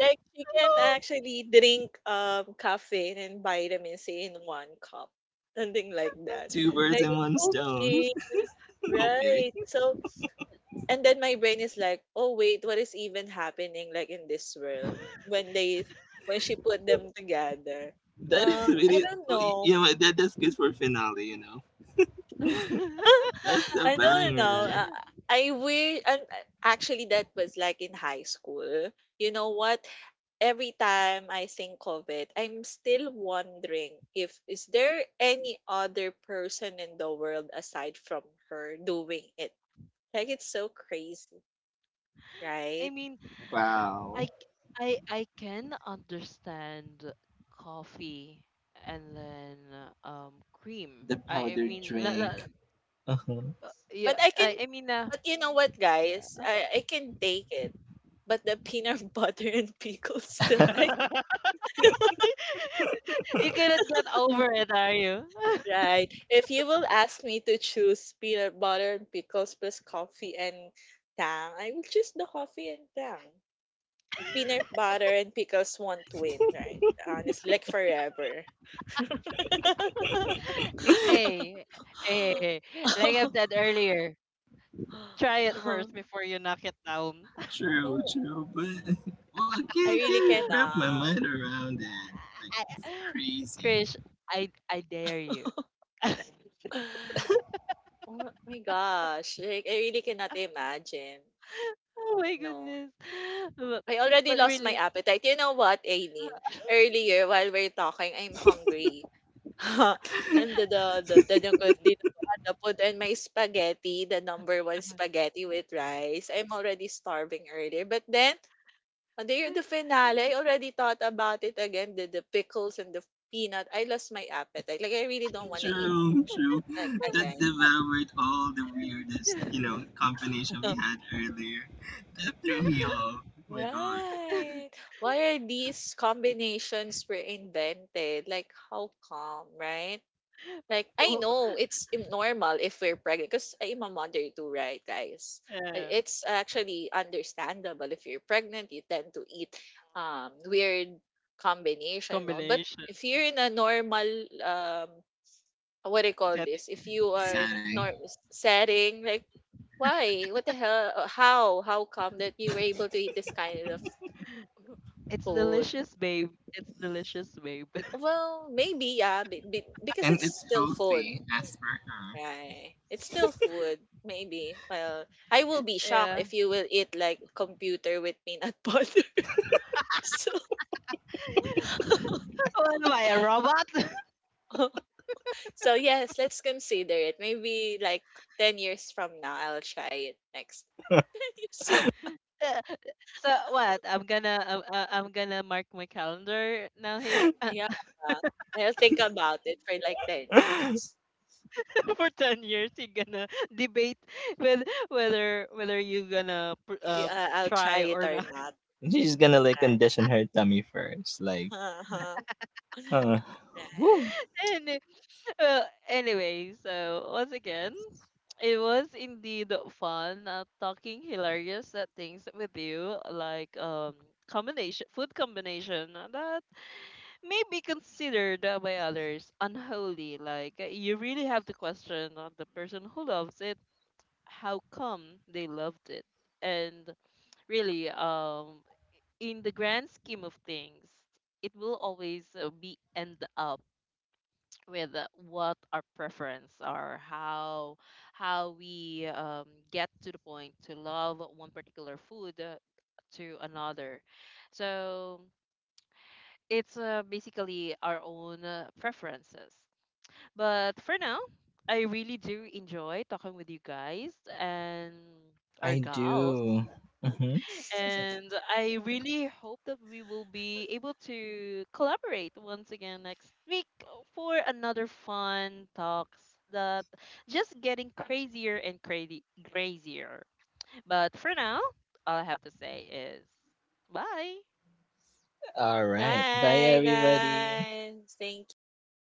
C: Like you can
A: oh.
C: actually drink caffeine and vitamin C in one cup. Something like that.
B: Two birds
C: Like,
B: in one stone.
C: okay,
B: *laughs* Okay.
C: right. So and then my brain is like, "Oh wait, what is even happening like in this world?" When they when she put them together.
B: That is
C: I
B: really,
C: don't
B: you
C: know.
B: know, what, that that's good for finale. You know,
A: *laughs*
B: that's
C: *laughs*
B: a
C: I don't know.
B: banger.
C: I wish. And actually that was like in high school. You know what? Every time I think of it, I'm still wondering if is there any other person in the world aside from her doing it. Like it's so crazy,
A: I
C: right?
A: mean, I
B: Wow,
A: c- I can understand coffee and then cream.
B: the
A: I
B: powdered
A: mean,
B: drink. Uh-huh.
A: yeah.
C: But I can
A: I mean,
C: But you know what, guys? I can take it. But the peanut *laughs* butter and pickles still, I can.
A: *laughs* you cannot get over it, are you? *laughs*
C: Right. If you will ask me to choose peanut butter and pickles plus coffee and tang, I will choose the coffee and tang. Peanut butter and pickles won't win, right? Honestly, like forever. *laughs*
B: *laughs*
A: hey, hey, hey, hey, like I've said earlier, try it first before you knock it down.
B: True,
C: No,
B: true, but well, I
C: I
B: can't
C: really
B: wrap
A: *laughs*
B: my
C: cannot.
B: mind
C: *gasps*
B: around it. Like it's crazy.
A: Krish, I dare you.
C: *sighs* Oh my gosh, like I really cannot imagine.
A: Oh my
C: No.
A: goodness. *laughs* But,
C: I already
A: but
C: lost my
A: really.
C: appetite. You know what, Aileen?
A: *laughs*
C: Earlier, while we're talking, I'm hungry. *laughs* And the put in my spaghetti, the number one spaghetti with rice. I'm already starving earlier. But then, on the finale, I already thought about it again. The pickles and the peanut. I lost my appetite. Like, I really don't want to eat
B: True, true.
C: like
B: That
C: again.
B: devoured all the weirdest, you know, combination we
C: *laughs*
B: had earlier. That threw me off. Oh my gosh,
C: Right. Why are these combinations were invented? Like, how come, right? Like, I
A: Oh,
C: know it's normal if we're pregnant, because I'm a mother too, right, guys?
A: yeah.
C: It's actually understandable if you're pregnant, you tend to eat weird combination and all. But
A: Combination
C: if you're in a normal, um, what do you call
A: setting.
C: this? If you are
B: upsetting.
C: nor setting, like, why? What the hell? How? How come that you were able to eat this kind of
A: It's
C: food?
A: delicious, babe. It's delicious, babe. *laughs*
C: Well, maybe, yeah, because
B: And
C: it's
B: it's
C: still food,
B: healthy as
C: right? It's still food, maybe. Well, I will be shocked
A: Yeah.
C: if you will eat like computer with peanut butter. *laughs* so,
A: What am I, a robot?
C: *laughs* so yes, let's consider it. Maybe like 10 years from now, I'll try it next. *laughs* 10 years from.
A: *laughs* so what? I'm gonna mark my calendar now
B: per
A: here
C: Yeah. I'll think about it for like 10
B: her. *laughs*
C: years.
A: *laughs* for 10 years. You're gonna *laughs* debate with whether you gonna
C: I'll try
A: try
C: it
A: or
C: or
A: not.
C: not.
B: She's gonna like
C: Right. *laughs*
B: condition her tummy first. Like,
C: Uh-huh.
B: huh.
C: Right.
B: Woo.
A: *laughs* And well, anyway, so once again, it was indeed fun talking hilarious things with you, like combination food combination that may be considered by others unholy. Like you really have to question the person who loves it, how come they loved it, and really in the grand scheme of things, it will always be end up with what our preference are, how we get to the point to love one particular food to another. So it's basically our own preferences. But for now, I really do enjoy talking with you guys and our
B: I
A: gals.
B: do. Mhm.
C: *laughs*
A: And I really hope that we will be able to collaborate once again next week for another fun talks that just getting crazier and crazy crazier. But for now, all I have to say is bye.
B: All right. Bye,
C: Bye,
B: everybody.
C: guys. Thank you.